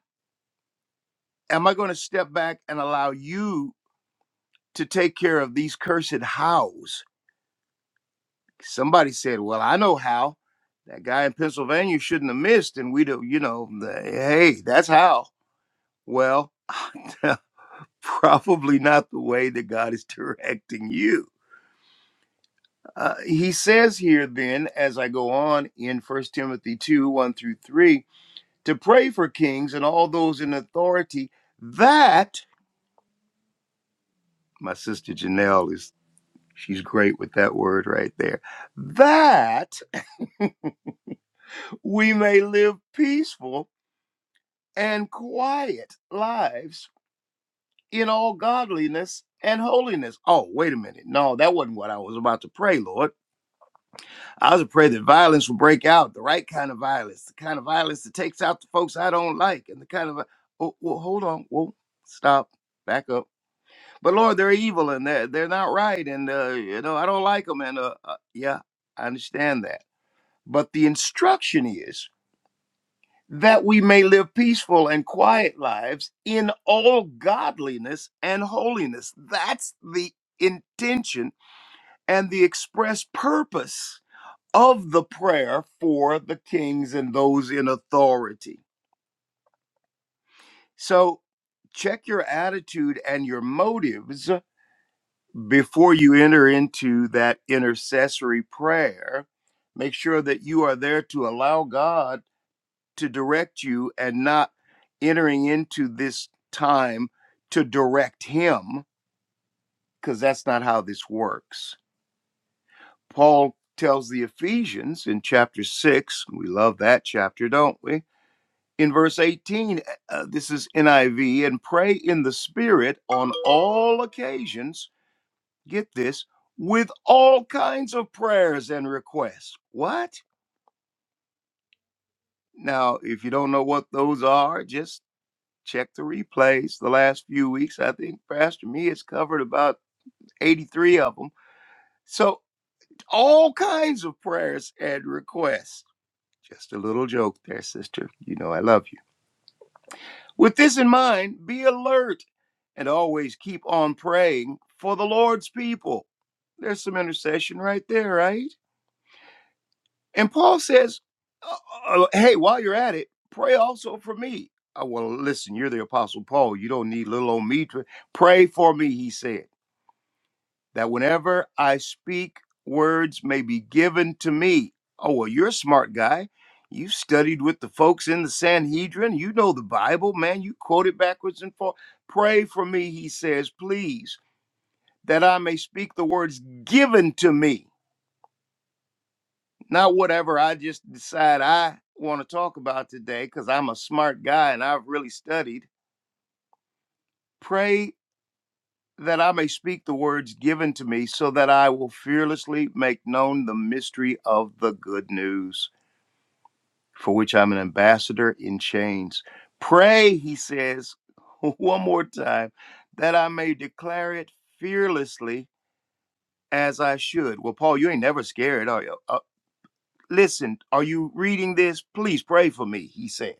Am I going to step back and allow you to take care of these cursed hows? Somebody said, Well, I know how. That guy in Pennsylvania shouldn't have missed, and we'd have, you know, the, hey, that's how. Well, probably not the way that God is directing you. Uh, he says here, then, as I go on in First Timothy 2 1 through 3, to pray for kings and all those in authority that my sister Janelle is she's great with that word right there that we may live peaceful and quiet lives in all godliness and holiness. Oh, wait a minute. No, that wasn't what I was about to pray, Lord. I was to pray that violence will break out, the right kind of violence, the kind of violence that takes out the folks I don't like, and the kind of. Oh, well, hold on. Whoa, stop. Back up But Lord, they're evil and they're, they're not right. And, uh, you know, I don't like them. And uh, uh, yeah, I understand that. But the instruction is that we may live peaceful and quiet lives in all godliness and holiness. That's the intention and the express purpose of the prayer for the kings and those in authority. So check your attitude and your motives before you enter into that intercessory prayer, make sure that you are there to allow God to direct you and not entering into this time to direct Him, because that's not how this works. Paul tells the Ephesians in chapter 6, we love that chapter, don't we? In verse 18, uh, this is NIV, and pray in the Spirit on all occasions get this, with all kinds of prayers and requests. What? Now, if you don't know what those are, just check the replays the last few weeks. I think Pastor Me has covered about 83 of them. So, all kinds of prayers and requests. Just a little joke there, sister. You know I love you. With this in mind, be alert and always keep on praying for the Lord's people. There's some intercession right there, right? And Paul says, uh, uh, "Hey, while you're at it, pray also for me." Uh, well, listen, you're the apostle Paul. You don't need little old me to pray for me. He said that whenever I speak, words may be given to me. Oh well, you're a smart guy. You studied with the folks in the Sanhedrin. You know the Bible, man. You quote it backwards and forth. Pray for me, he says, please, that I may speak the words given to me not whatever I just decide I want to talk about today because I'm a smart guy and I've really studied. Pray that I may speak the words given to me so that I will fearlessly make known the mystery of the good news for which I'm an ambassador in chains. Pray, he says one more time, that I may declare it fearlessly as I should. Well, Paul, you ain't never scared, are you? Uh, listen, are you reading this? Please pray for me, he says.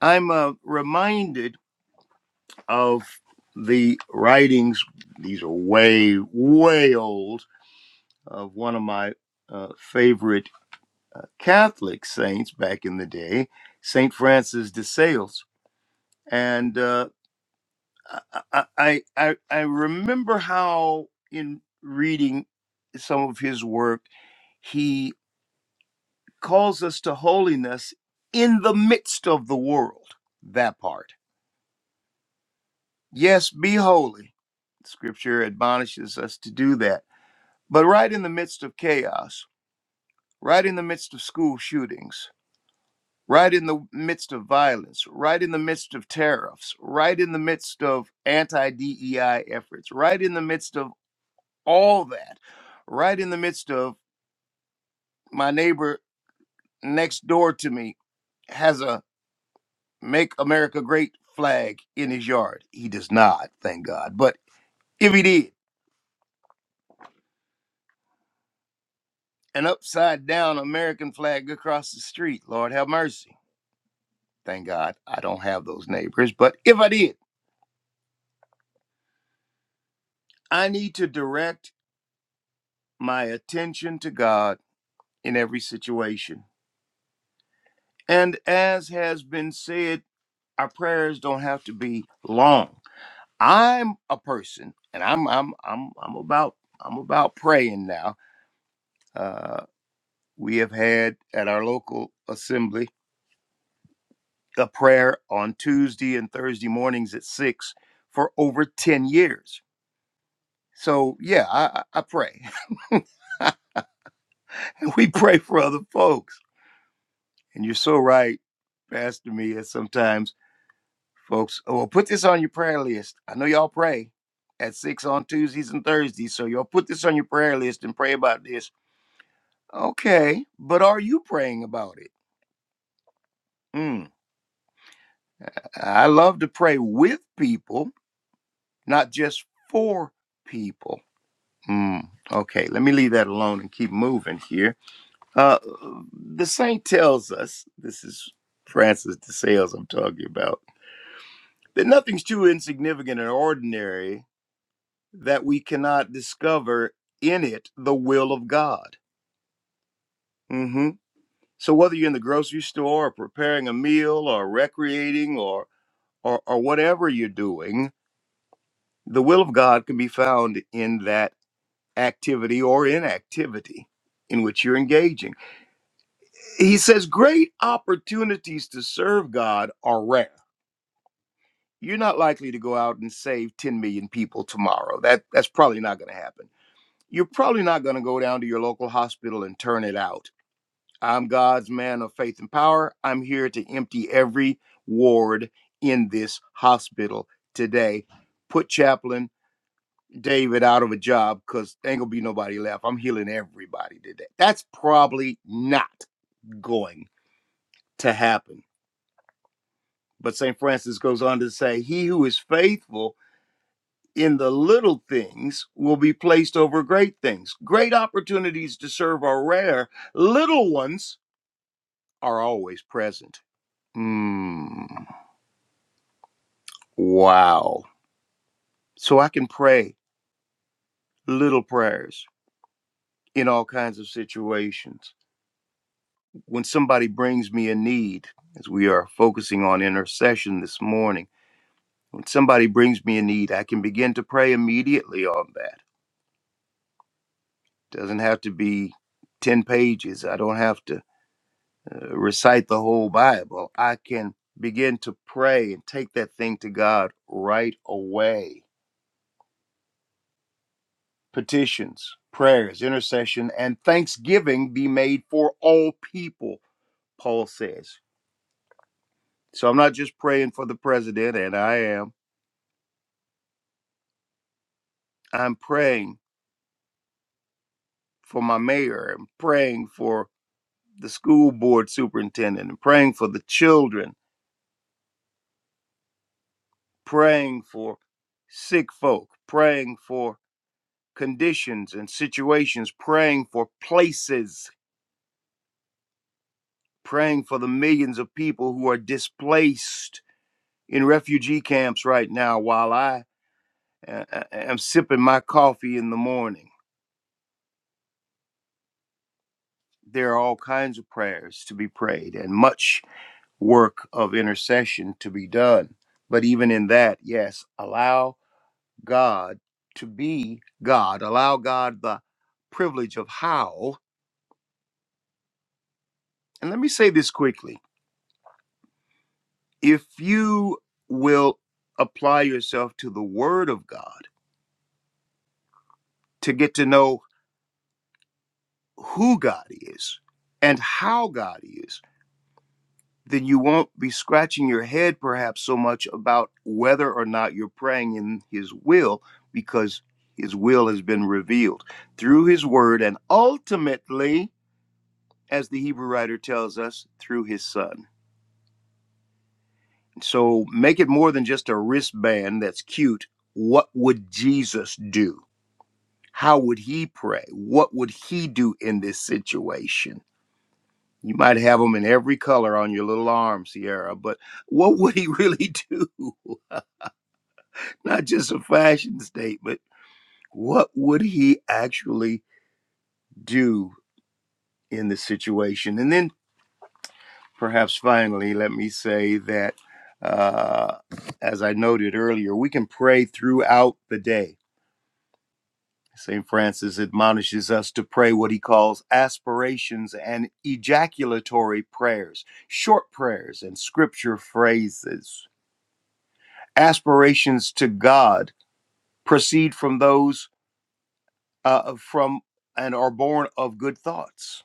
I'm uh, reminded of the writings, these are way, way old, of one of my uh, favorite uh, Catholic saints back in the day, St. Francis de Sales. And uh, I, I, I, I remember how, in reading some of his work, he calls us to holiness in the midst of the world, that part Yes, be holy. Scripture admonishes us to do that. But right in the midst of chaos, right in the midst of school shootings, right in the midst of violence, right in the midst of tariffs, right in the midst of anti DEI efforts, right in the midst of all that, right in the midst of my neighbor next door to me has a Make America Great flag in his yard. He does not, thank God. But if he did, an upside down American flag across the street. Lord have mercy. Thank God I don't have those neighbors. But if I did, I need to direct my attention to God in every situation. And as has been said, our prayers don't have to be long. I'm a person and I'm I'm I'm I'm about I'm about praying now. Uh we have had at our local assembly a prayer on Tuesday and Thursday mornings at six for over 10 years. So, yeah, I, I I pray. we pray for other folks. And you're so right, Pastor Mia. Sometimes folks, oh, well, put this on your prayer list. I know y'all pray at six on Tuesdays and Thursdays. So, y'all put this on your prayer list and pray about this. Okay, but are you praying about it? Mm. I love to pray with people, not just for people Mm, okay, let me leave that alone and keep moving here. Uh, the saint tells us this is Francis de Sales I'm talking about that nothing's too insignificant and ordinary that we cannot discover in it the will of God. hmm So whether you're in the grocery store or preparing a meal or recreating or or, or whatever you're doing, the will of God can be found in that activity or inactivity in which you're engaging. he says great opportunities to serve God are rare. You're not likely to go out and save 10 million people tomorrow. That that's probably not going to happen. You're probably not going to go down to your local hospital and turn it out. I'm God's man of faith and power. I'm here to empty every ward in this hospital today. Put chaplain David out of a job because ain't gonna be nobody left. I'm healing everybody today. That's probably not going to happen But St. Francis goes on to say, He who is faithful in the little things will be placed over great things. Great opportunities to serve are rare, little ones are always present. Mm, wow. So I can pray little prayers in all kinds of situations. When somebody brings me a need, as we are focusing on intercession this morning, when somebody brings me a need, I can begin to pray immediately on that doesn't have to be 10 pages. I don't have to uh, recite the whole Bible. I can begin to pray and take that thing to God right away. Petitions, prayers, intercession, and thanksgiving be made for all people, Paul says. So I'm not just praying for the president, and I am. I'm praying for my mayor. I'm praying for the school board superintendent. I'm praying for the children. praying for sick folk, praying for conditions and situations, praying for places, praying for the millions of people who are displaced in refugee camps right now while I uh, uh, am sipping my coffee in the morning. There are all kinds of prayers to be prayed and much work of intercession to be done. But even in that, yes, allow God to be God, allow God the privilege of how And let me say this quickly if you will apply yourself to the Word of God to get to know who God is and how God is, then you won't be scratching your head perhaps so much about whether or not you're praying in His will because His will has been revealed through His Word and ultimately, as the Hebrew writer tells us, through His Son. So make it more than just a wristband that's cute. What would Jesus do? How would he pray? What would he do in this situation? You might have them in every color on your little arm, Sierra, but what would he really do? Not just a fashion statement. What would he actually do in this situation? And then perhaps finally, let me say that, uh, as I noted earlier, we can pray throughout the day St. Francis admonishes us to pray what he calls aspirations and ejaculatory prayers, short prayers and scripture phrases. Aspirations to God proceed from those uh, from and are born of good thoughts.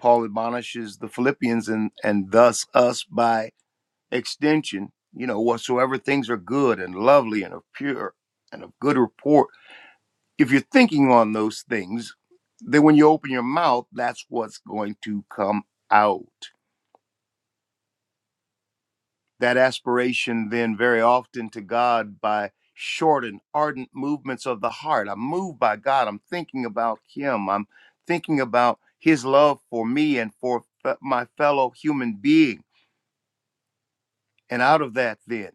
Paul admonishes the Philippians and, and thus us by extension, you know, whatsoever things are good and lovely and of pure and of good report if you're thinking on those things, then when you open your mouth, that's what's going to come out. That aspiration, then, very often to God by short and ardent movements of the heart. I'm moved by God. I'm thinking about Him. I'm thinking about His love for me and for fe- my fellow human being. And out of that, then,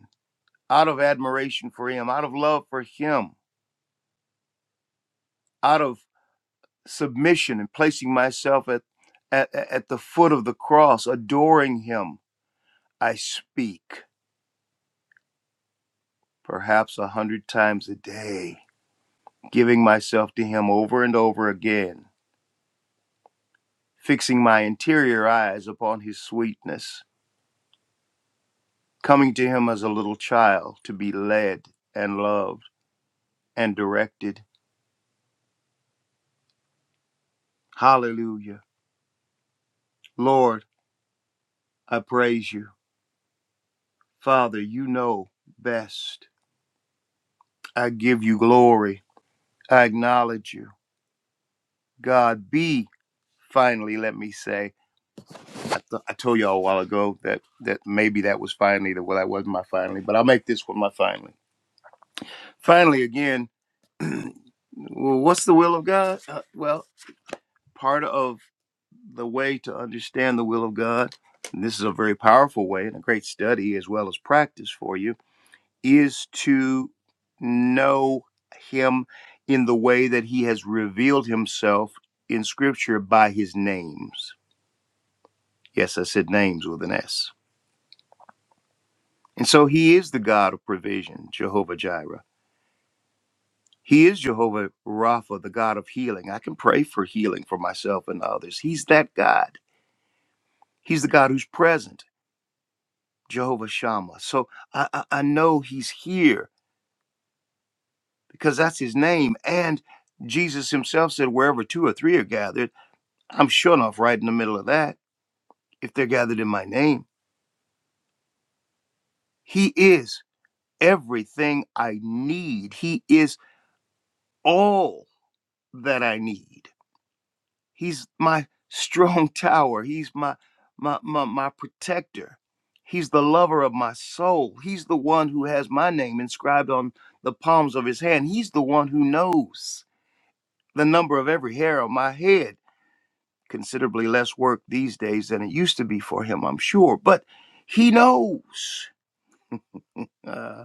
out of admiration for Him, out of love for Him, out of submission and placing myself at, at, at the foot of the cross, adoring Him, I speak perhaps a hundred times a day, giving myself to Him over and over again, fixing my interior eyes upon His sweetness, coming to Him as a little child to be led and loved and directed. Hallelujah. Lord, I praise you. Father, you know best. I give you glory. I acknowledge you. God, be. finally, let me say, I, th- I told y'all a while ago that that maybe that was finally the well, that wasn't my finally, but I'll make this one my finally. Finally, again, well, what's the will of God? Uh, well, part of the way to understand the will of God, and this is a very powerful way and a great study as well as practice for you, is to know Him in the way that He has revealed Himself in Scripture by His names. Yes, I said names with an S And so he is the God of provision, Jehovah Jireh. He is Jehovah Rapha, the God of healing. I can pray for healing for myself and others. He's that God. He's the God who's present, Jehovah Shammah. So I, I, I know he's here because that's his name. And Jesus himself said, wherever two or three are gathered, I'm sure enough right in the middle of that if they're gathered in my name. He is everything I need. He is all that I need. He's my strong tower. He's my my my, my protector. He's the lover of my soul. He's the one who has my name inscribed on the palms of his hand. He's the one who knows the number of every hair on my head. Considerably less work these days than it used to be for him, I'm sure, but he knows. Uh,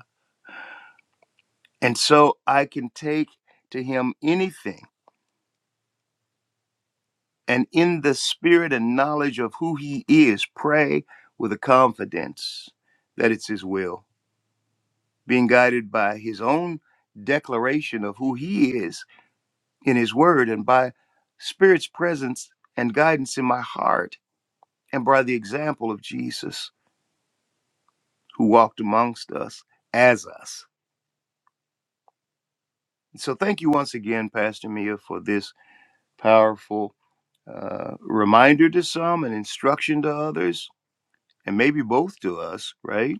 and so I can take to him anything and in the spirit and knowledge of who he is, pray with a confidence that it's his will, being guided by his own declaration of who he is in his word and by spirit's presence and guidance in my heart and by the example of Jesus who walked amongst us as us. So thank you once again, Pastor Mia, for this powerful uh, reminder to some and instruction to others, and maybe both to us, right?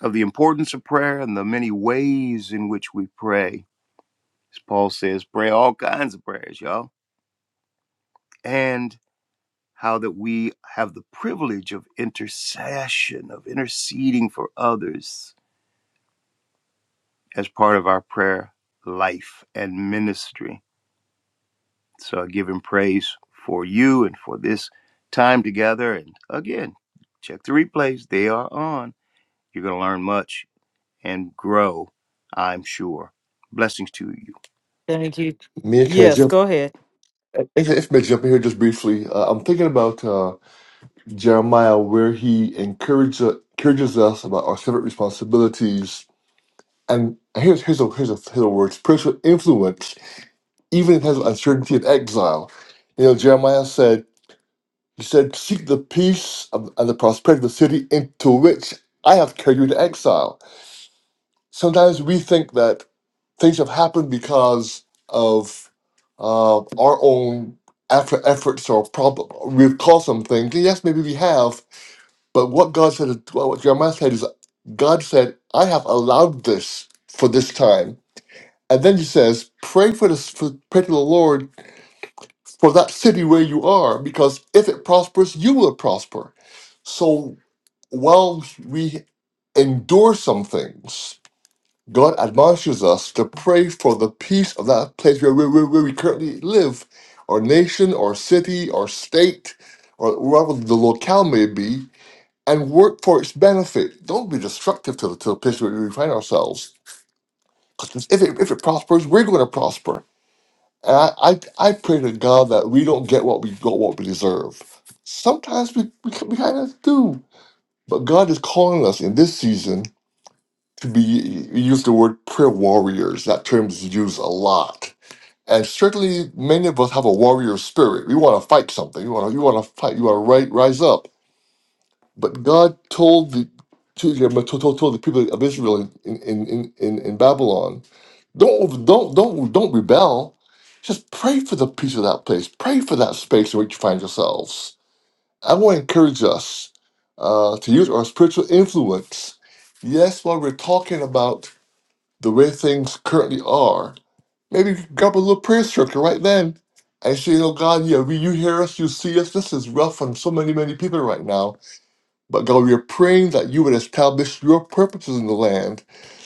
of the importance of prayer and the many ways in which we pray. As Paul says, pray all kinds of prayers, y'all. And how that we have the privilege of intercession, of interceding for others as part of our prayer life and ministry. So I give him praise for you and for this time together. And again, check the replays, they are on. You're going to learn much and grow, I'm sure. Blessings to you.
Thank you.
Mia, can I jump
Yes, go ahead.
If, if may jump in here just briefly, uh, I'm thinking about uh, Jeremiah, where he encourages encourages us about our civic responsibilities. And here's here's a here's a, here's a word: spiritual influence, even in times of uncertainty and exile. You know, Jeremiah said, "He said, seek the peace of, and the prosperity of the city into which I have carried you into exile." sometimes we think that things have happened because of uh, our own effort, efforts or problem. We've caused some things. Yes, maybe we have, but what God said, well, what Jeremiah said is, God said, I have allowed this for this time. And then he says, pray for this, for, pray to the Lord for that city where you are, because if it prospers, you will prosper. So while we endure some things, God admonishes us to pray for the peace of that place where, where, where we currently live, or nation, or city, or state, or wherever the locale may be, and work for its benefit. Don't be destructive to the, to the place where we find ourselves. 'Cause if it, if it prospers, we're going to prosper. And I, I, I pray to God that we don't get what we got what we deserve. Sometimes we, we, we kind of do. But God is calling us in this season to be use the word prayer warriors. That term is used a lot. And certainly many of us have a warrior spirit. We want to fight something. You want to you want to fight. You want to ri- rise up. But God told the to, told, told told the people of Israel in, in, in, in, in Babylon, don't don't don't don't rebel. Just pray for the peace of that place. Pray for that space in which you find yourselves. I want to encourage us uh, to use our spiritual influence. Yes, while we're talking about the way things currently are, maybe you could grab a little prayer circle right then and say, Oh God, yeah, we, you hear us, you see us. This is rough on so many, many people right now. But God, we are praying that you would establish your purposes in the land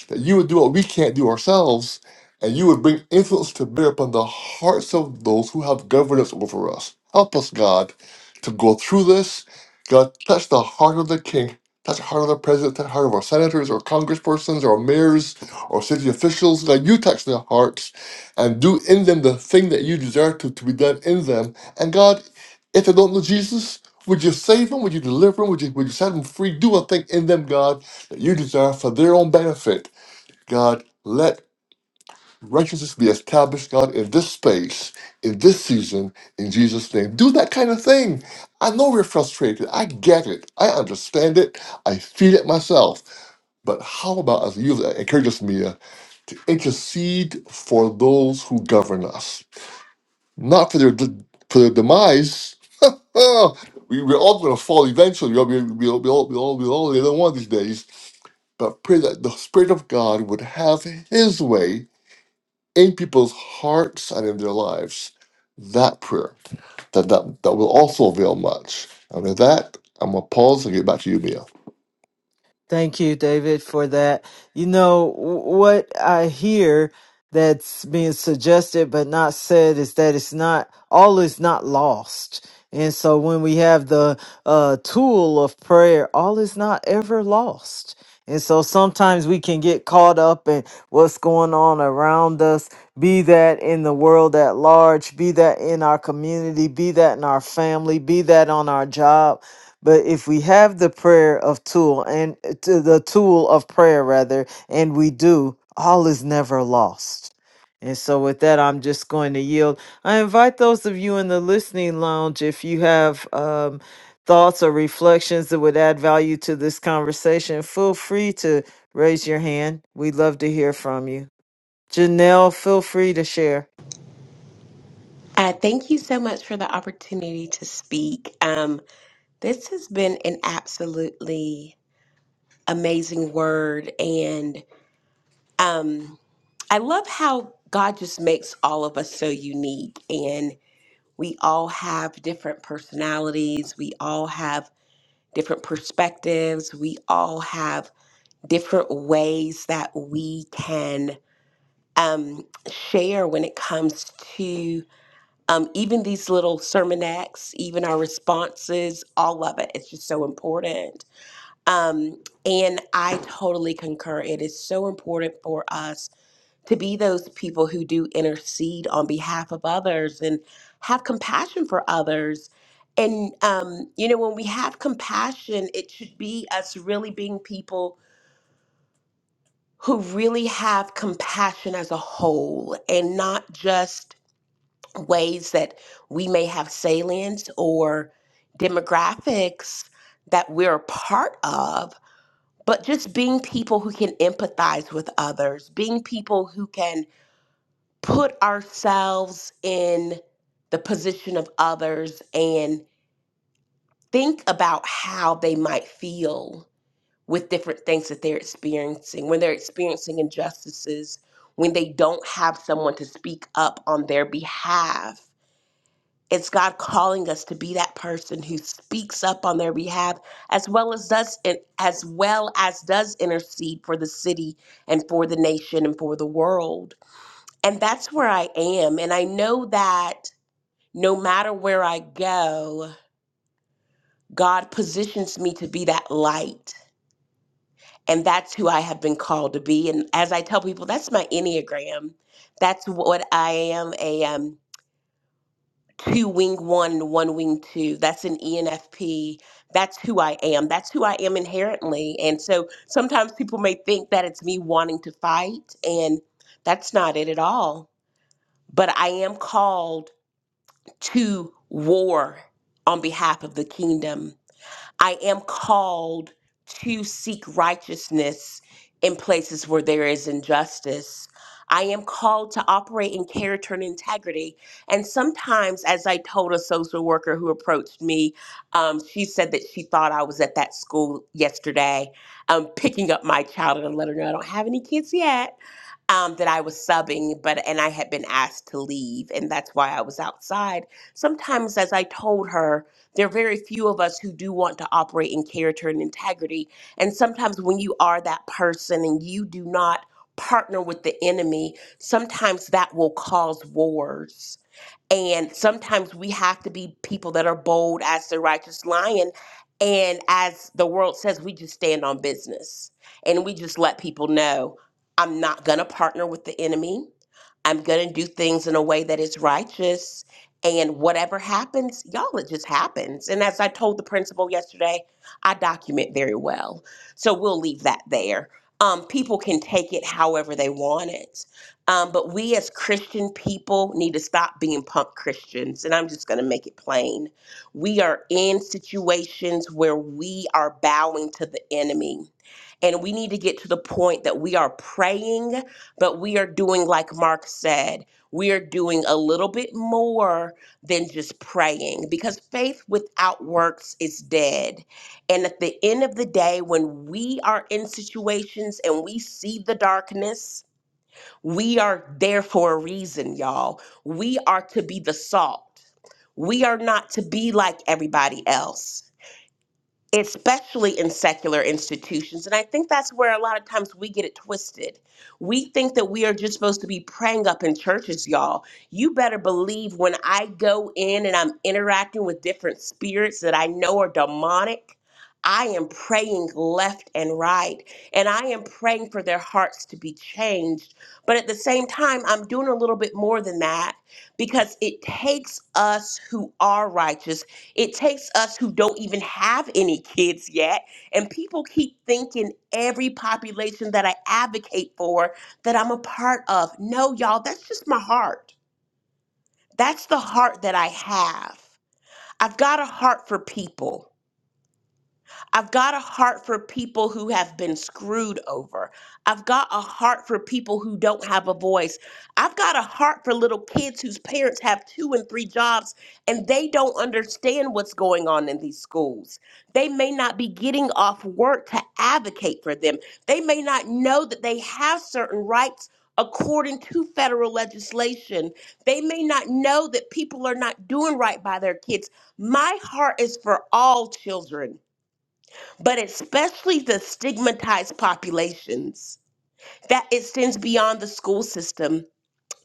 that you would do what we can't do ourselves, and you would bring influence to bear upon the hearts of those who have governance over us. Help us, God, to go through this. God, touch the heart of the king, touch the heart of the president, touch the heart of our senators or congresspersons or mayors or city officials. God, you touch their hearts and do in them the thing that you desire to, to be done in them. And God, if they don't know Jesus, would you save them? Would you deliver them? Would you, would you set them free? Do a thing in them, God, that you desire for their own benefit. God, let righteousness be established, God, in this space, in this season, in Jesus' name. Do that kind of thing. I know we're frustrated. I get it. I understand it. I feel it myself. But how about, as you encourage us, Mia, to intercede for those who govern us, not for their, for their demise. Oh, we, we're all going to fall eventually. We'll, be- we'll, we'll, we'll, we'll all be all the one of these days. But pray that the Spirit of God would have His way in people's hearts and in their lives that prayer that that, that will also avail much. And with that, I'm gonna pause and get back to you, Mia.
Thank you, David, for that. You know, w- what I hear that's being suggested but not said is that it's not, all is not lost. And so when we have the uh, tool of prayer, all is not ever lost. And so sometimes we can get caught up in what's going on around us, be that in the world at large, be that in our community, be that in our family, be that on our job but if we have the prayer of tool and to the tool of prayer rather, and we do, all is never lost. And so with that, I'm just going to yield. I invite those of you in the listening lounge, if you have um, thoughts or reflections that would add value to this conversation, feel free to raise your hand. We'd love to hear from you. Janelle, feel free to share.
Uh, thank you so much for the opportunity to speak. Um, this has been an absolutely amazing word, and um, I love how God just makes all of us so unique, and we all have different personalities, we all have different perspectives, we all have different ways that we can um, share when it comes to um, even these little sermonettes, even our responses, all of it. It's just so important. Um, and I totally concur. It is so important for us to be those people who do intercede on behalf of others and have compassion for others. And, um, you know, when we have compassion, it should be us really being people who really have compassion as a whole and not just ways that we may have salience or demographics that we're a part of, but just being people who can empathize with others, being people who can put ourselves in the position of others and think about how they might feel with different things that they're experiencing, when they're experiencing injustices, when they don't have someone to speak up on their behalf It's God calling us to be that person who speaks up on their behalf as well as does as well as does intercede for the city and for the nation and for the world. And that's where I am and I know that no matter where I go, God positions me to be that light. And that's who I have been called to be. And as I tell people, that's my Enneagram. That's what I am. A um, two wing one and one wing two. That's an ENFP. That's who I am. That's who I am inherently. And so sometimes people may think that it's me wanting to fight, and that's not it at all. But I am called to war on behalf of the kingdom I am called to seek righteousness in places where there is injustice. I am called to operate in character and integrity. And sometimes, as I told a social worker who approached me, um, she said that she thought I was at that school yesterday, um, picking up my child, and I let her know I don't have any kids yet um, that I was subbing, but and I had been asked to leave, and that's why I was outside. Sometimes, as I told her, there are very few of us who do want to operate in character and integrity. And sometimes, when you are that person and you do not partner with the enemy, sometimes that will cause wars and sometimes we have to be people that are bold as the righteous lion. And as the world says, we just stand on business and we just let people know I'm not going to partner with the enemy. I'm going to do things in a way that is righteous. And whatever happens, y'all, it just happens. And as I told the principal yesterday, I document very well. So we'll leave that there. Um, people can take it however they want it um, but we as Christian people need to stop being punk Christians. And I'm just going to make it plain. We are in situations where we are bowing to the enemy. And we need to get to the point that we are praying, but we are doing, like Mark said, we are doing a little bit more than just praying because faith without works is dead. And at the end of the day, when we are in situations and we see the darkness, we are there for a reason, y'all. We are to be the salt. We are not to be like everybody else especially in secular institutions. And I think that's where a lot of times we get it twisted. We think that we are just supposed to be praying up in churches, y'all. You better believe when I go in and I'm interacting with different spirits that I know are demonic. I am praying left and right, and I am praying for their hearts to be changed. But at the same time, I'm doing a little bit more than that because it takes us who are righteous it takes us who don't even have any kids yet. And people keep thinking every population that I advocate for that I'm a part of. No, y'all, that's just my heart. That's the heart that I have. I've got a heart for people. I've got a heart for people who have been screwed over. I've got a heart for people who don't have a voice. I've got a heart for little kids whose parents have two and three jobs and they don't understand what's going on in these schools. They may not be getting off work to advocate for them, they may not know that they have certain rights. According to federal legislation, they may not know that people are not doing right by their kids. My heart is for all children but especially the stigmatized populations, that extends beyond the school system.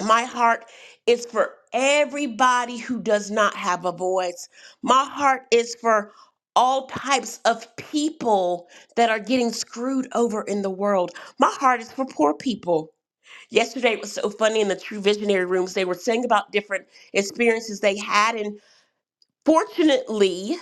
My heart is for everybody who does not have a voice. My heart is for all types of people that are getting screwed over in the world. My heart is for poor people. Yesterday it was so funny in the True Visionary rooms. They were saying about different experiences they had. And fortunately,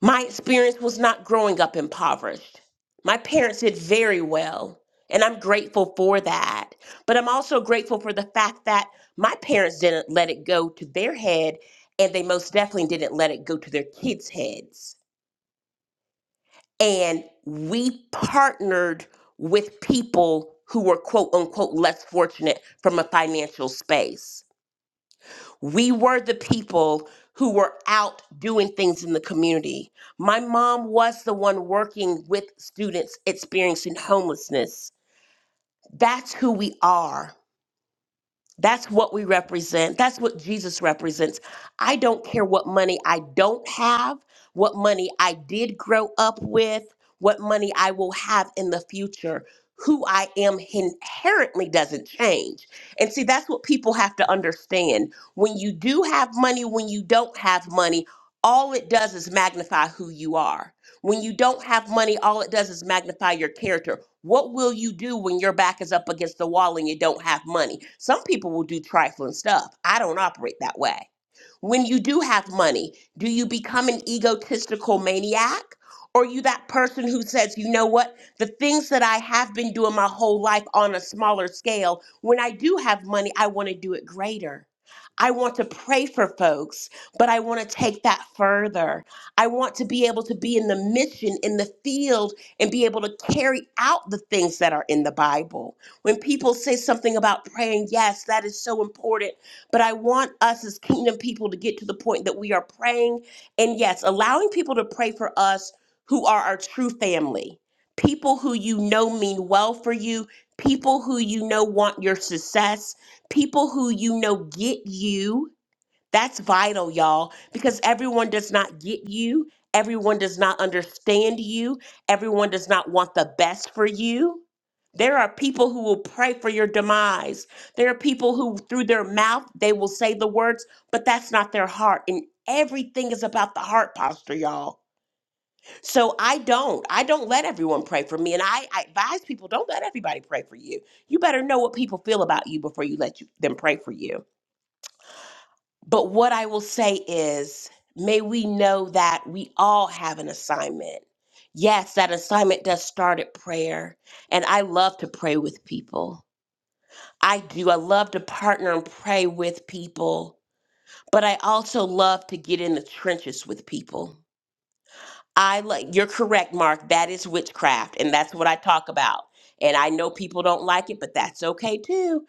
My experience was not growing up impoverished. My parents did very well, and I'm grateful for that. But I'm also grateful for the fact that my parents didn't let it go to their head, and they most definitely didn't let it go to their kids' heads. And we partnered with people who were quote unquote less fortunate from a financial space. We were the people who were out doing things in the community. My mom was the one working with students experiencing homelessness. That's who we are. That's what we represent. That's what Jesus represents. I don't care what money I don't have, what money I did grow up with, what money I will have in the future. Who I am inherently doesn't change. And see, that's what people have to understand. When you do have money, when you don't have money, all it does is magnify who you are when you don't have money, all it does is magnify your character. What will you do when your back is up against the wall and you don't have money? Some people will do trifling stuff. I don't operate that way. When you do have money, do you become an egotistical maniac? Or are you that person who says, you know what, the things that I have been doing my whole life on a smaller scale, when I do have money, I want to do it greater. I want to pray for folks, but I want to take that further. I want to be able to be in the mission, in the field, and be able to carry out the things that are in the Bible. When people say something about praying, yes, that is so important. But I want us as kingdom people to get to the point that we are praying and, yes, allowing people to pray for us who are our true family, people who you know mean well for you, people who you know want your success, people who you know get you that's vital, y'all, because everyone does not get you. Everyone does not understand you. Everyone does not want the best for you. There are people who will pray for your demise. There are people who, through their mouth, they will say the words, but that's not their heart. And everything is about the heart posture, y'all. So I don't. I don't let everyone pray for me. And I, I advise people don't let everybody pray for you. You better know what people feel about you before you let you, them pray for you. But what I will say is, may we know that we all have an assignment. Yes, that assignment does start at prayer. And I love to pray with people. I do. I love to partner and pray with people. But I also love to get in the trenches with people. I like you're correct, Mark. That is witchcraft, and that's what I talk about. And I know people don't like it, but that's okay too.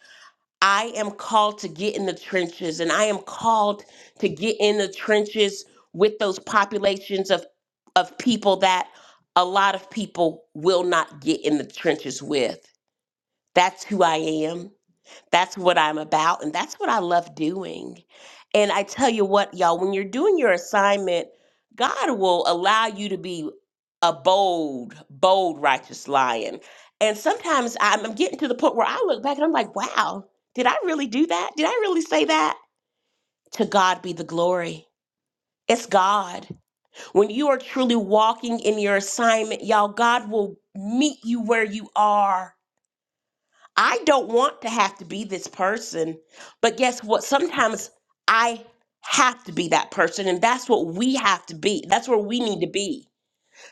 I am called to get in the trenches, and I am called to get in the trenches with those populations of, of people that a lot of people will not get in the trenches with. That's who I am. That's what I'm about, and that's what I love doing. And I tell you what, y'all, when you're doing your assignment, God will allow you to be a bold, bold, righteous lion. And sometimes I'm, I'm getting to the point where I look back and I'm like, wow, did I really do that? Did I really say that? To God be the glory. It's God. When you are truly walking in your assignment, y'all, God will meet you where you are I don't want to have to be this person. But guess what? Sometimes I have to be that person. And that's what we have to be. That's where we need to be.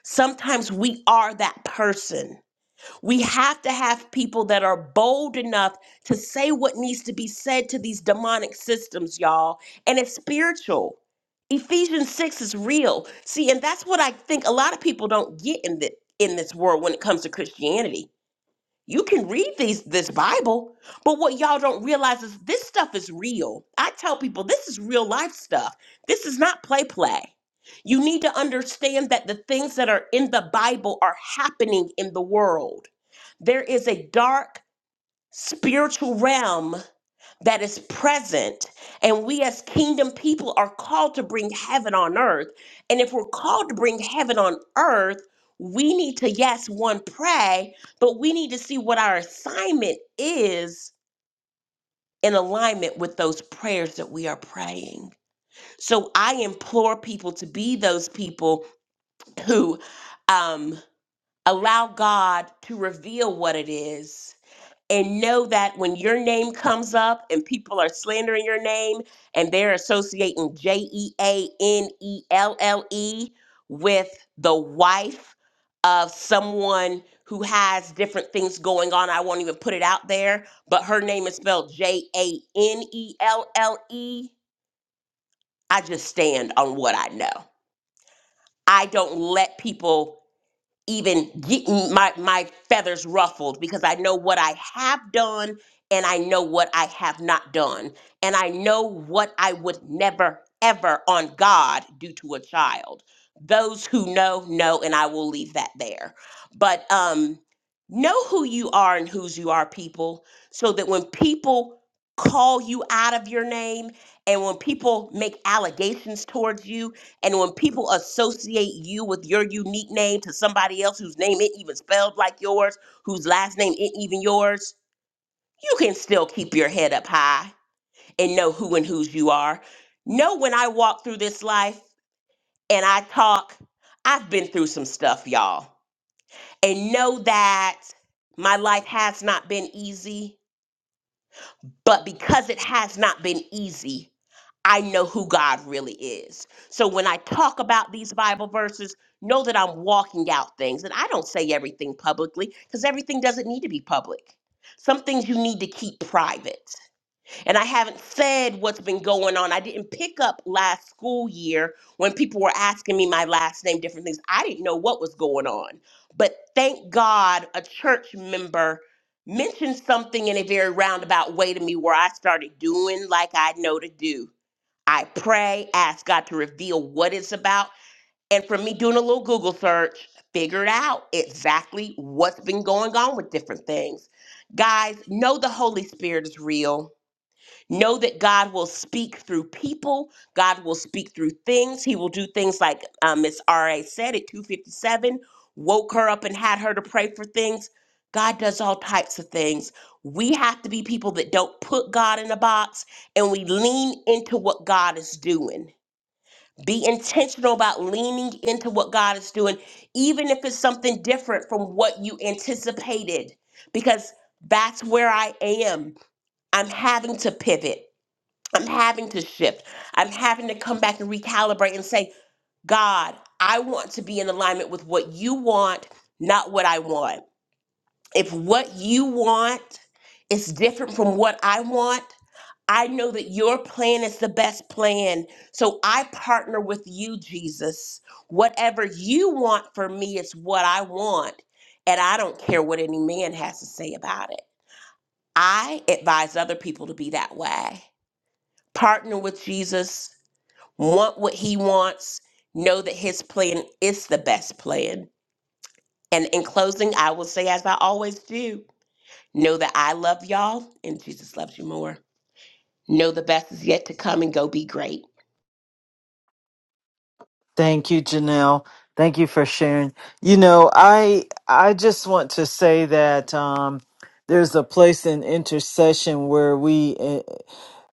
Sometimes we are that person. We have to have people that are bold enough to say what needs to be said to these demonic systems, y'all. And it's spiritual. Ephesians 6 is real. See, and that's what I think a lot of people don't get in the in this world when it comes to Christianity you can read these this Bible, but what y'all don't realize is this stuff is real. I tell people this is real life stuff. This is not play play. You need to understand that the things that are in the Bible are happening in the world. There is a dark spiritual realm that is present. And we, as kingdom people, are called to bring heaven on earth. And if we're called to bring heaven on earth, we need to, yes, one, pray, but we need to see what our assignment is in alignment with those prayers that we are praying. So I implore people to be those people who um, allow God to reveal what it is and know that when your name comes up and people are slandering your name and they're associating J E A N E L L E with the wife of someone who has different things going on, I won't even put it out there, but her name is spelled J A N E L L E. I just stand on what I know. I don't let people even getting my my feathers ruffled because I know what I have done and I know what I have not done and I know what I would never ever on God do to a child. Those who know know and I will leave that there. But um know who you are and whose you are people so that when people call you out of your name and when people make allegations towards you and when people associate you with your unique name to somebody else whose name ain't even spelled like yours, whose last name ain't even yours, you can still keep your head up high and know who and whose you are. Know when I walk through this life and I talk, I've been through some stuff, y'all. And know that my life has not been easy But because it has not been easy, I know who God really is. So when I talk about these Bible verses, know that I'm walking out things. And I don't say everything publicly because everything doesn't need to be public. Some things you need to keep private. And I haven't said what's been going on. I didn't pick up last school year when people were asking me my last name, different things. I didn't know what was going on. But thank God a church member mentioned something in a very roundabout way to me where I started doing like I know to do. I pray, ask God to reveal what it's about. And for me doing a little Google search, figured out exactly what's been going on with different things. Guys, know the Holy Spirit is real Know that God will speak through people. God will speak through things. He will do things like um, Miss R.A. said at 257, woke her up and had her to pray for things. God does all types of things. We have to be people that don't put God in a box and we lean into what God is doing. Be intentional about leaning into what God is doing, even if it's something different from what you anticipated, because that's where I am. I'm having to pivot. I'm having to shift. I'm having to come back and recalibrate and say, God, I want to be in alignment with what you want, not what I want. If what you want is different from what I want, I know that your plan is the best plan. So I partner with you, Jesus. Whatever you want for me is what I want. And I don't care what any man has to say about it. I advise other people to be that way. Partner with Jesus want what he wants, know that his plan is the best plan. And in closing, I will say, as I always do, know that I love y'all and Jesus loves you more. Know the best is yet to come and go be great.
Thank you, Janelle. Thank you for sharing. You know, I I just want to say that um, there's a place in intercession where we eh,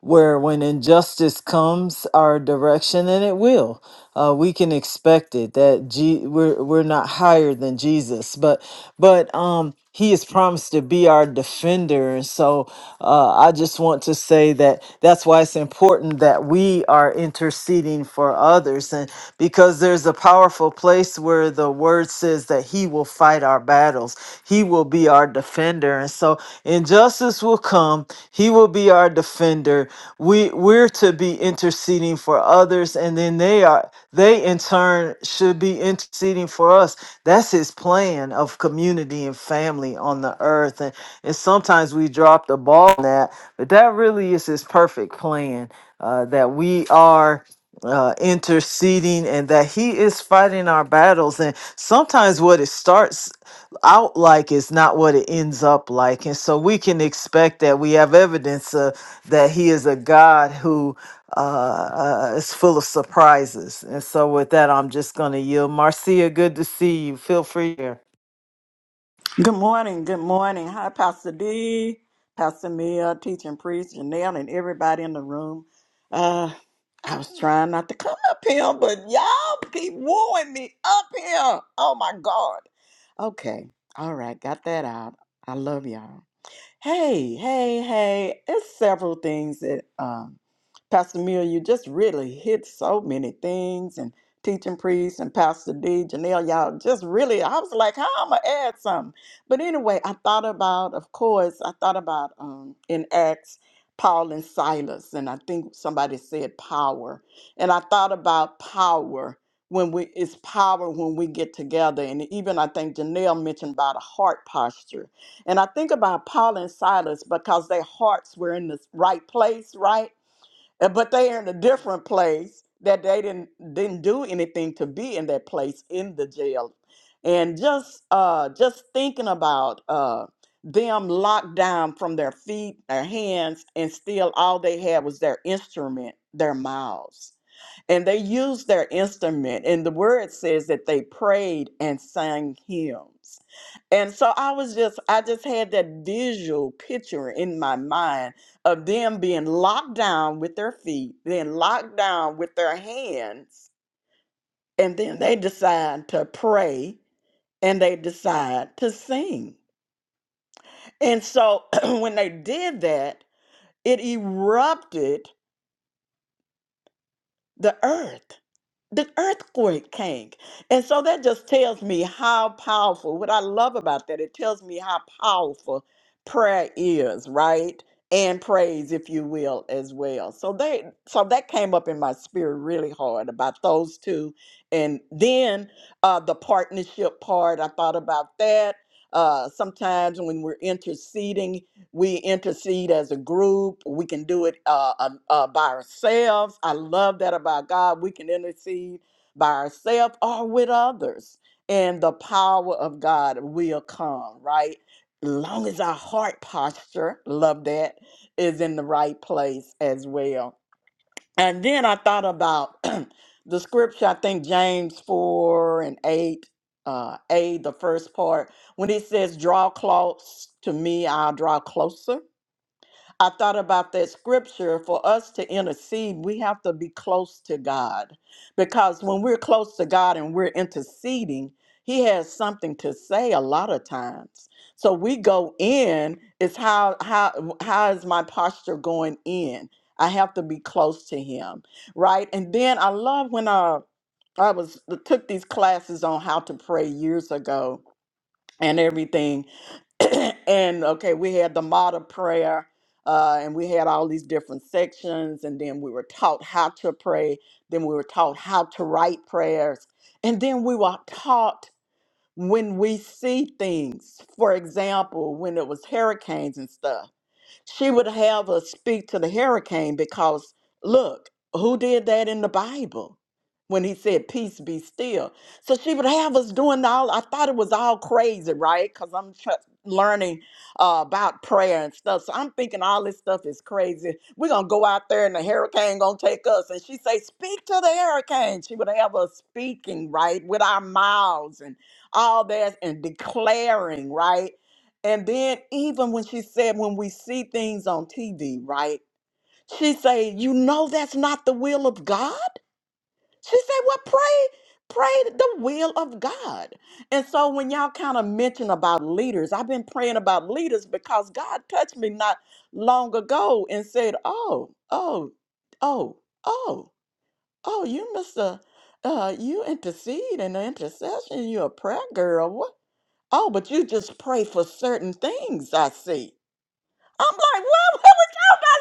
where when injustice comes our direction, and it will, uh, we can expect it that G- we're we're not higher than Jesus, but but um, He is promised to be our defender, and so uh, I just want to say that that's why it's important that we are interceding for others, and because there's a powerful place where the Word says that He will fight our battles battles. He will be our defender. And so injustice will come. He will be our defender. We we're to be interceding for others and then they are they in turn should be interceding for us. That's his plan of community and family on the earth. And and sometimes we drop the ball on that, but that really is his perfect plan. Uh, that we are uh, interceding and that he is fighting our battles and sometimes what it starts out like is not what it ends up like. And so we can expect that we have evidence uh, that he is a God who uh, uh, is full of surprises. And so with that, I'm just going to yield. Marcia, good to see you. Feel free here.
Good morning. Good morning. Hi, Pastor D, Pastor Mia, teaching priest, Janelle, and everybody in the room. Uh, I was trying not to come up here, but y'all keep wooing me up here. Oh my God. Okay. All right. Got that out. I love y'all. Hey, hey, hey. It's several things that um, Pastor Miller, you just really hit so many things and teaching priest and Pastor D, Janelle, y'all just really, I was like, how I'm going to add something. But anyway, I thought about, of course, I thought about um, in Acts, Paul and Silas, and I think somebody said power. And I thought about power when we, it's power when we get together. And even I think Janelle mentioned about a heart posture and I think about Paul and Silas because their hearts were in the right place, right? Uh, but they are in a different place that they didn't didn't do anything to be in that place in the jail and just uh just thinking about uh them locked down from their feet their hands and still all they had was their instrument their mouths and they used their instrument and the word says that they prayed and sang hymns and so i was just i just had that visual picture in my mind of them being locked down with their feet, then locked down with their hands, and then they decide to pray and they decide to sing. And so when they did that, it erupted the earth. the earthquake came. And so that just tells me how powerful, what I love about that, it tells me how powerful prayer is, right? And praise, if you will, as well. So they so that came up in my spirit really hard about those two. And then uh the partnership part, I thought about that. Uh sometimes when we're interceding we intercede as a group we can do it uh, uh, uh, by ourselves i love that about god we can intercede by ourselves or with others and the power of god will come right long as our heart posture love that is in the right place as well and then i thought about the scripture i think james 4 and 8 uh, a the first part when it says draw close to me i'll draw closer I thought about that scripture for us to intercede, we have to be close to God because when we're close to God and we're interceding, He has something to say a lot of times. So we go in, it's how how how is my posture going in? I have to be close to him, right? And then I love when I I was took these classes on how to pray years ago and everything and okay, we had the model prayer, uh, and we had all these different sections, and then we were taught how to pray. Then we were taught how to write prayers, and then we were taught when we see things. For example, when it was hurricanes and stuff she would have us speak to the hurricane because look, who did that in the Bible when he said, Peace be still? So she would have us doing all, I thought it was all crazy, right? Because I'm tr- learning uh, about prayer and stuff. So I'm thinking all this stuff is crazy. We're going to go out there and the hurricane going to take us. And she say, Speak to the hurricane. She would have us speaking, right, with our mouths and all that and declaring, right? And then even when she said when we see things on TV, right? She said, "You know that's not the will of God?" She said, "Well, pray pray the will of God." And so when y'all kind of mention about leaders, I've been praying about leaders because God touched me not long ago and said, "Oh, oh, oh, oh, oh, you Mr. Uh, uh, you intercede in the intercession. You're a prayer girl. What? Oh, but you just pray for certain things. I see. I'm like, what? What was y'all not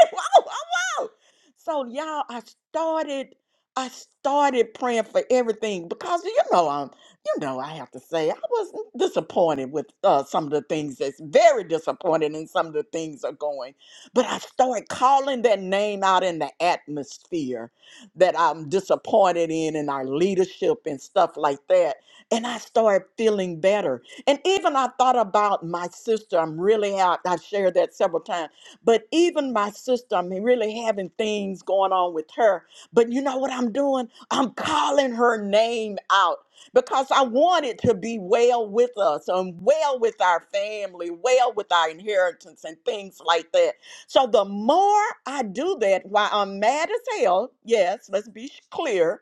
whoa, whoa, whoa. So y'all, I started, I started praying for everything because you know I'm, you know I have to say I was disappointed with uh, some of the things that's very disappointed in some of the things are going, but I started calling that name out in the atmosphere that I'm disappointed in and our leadership and stuff like that, and I started feeling better. And even I thought about my sister. I'm really out. I've shared that several times but even my sister, I'm really having things going on with her. But you know what I'm doing? I'm calling her name out because I want it to be well with us and well with our family, well with our inheritance and things like that. So the more I do that while I'm mad as hell, yes, let's be clear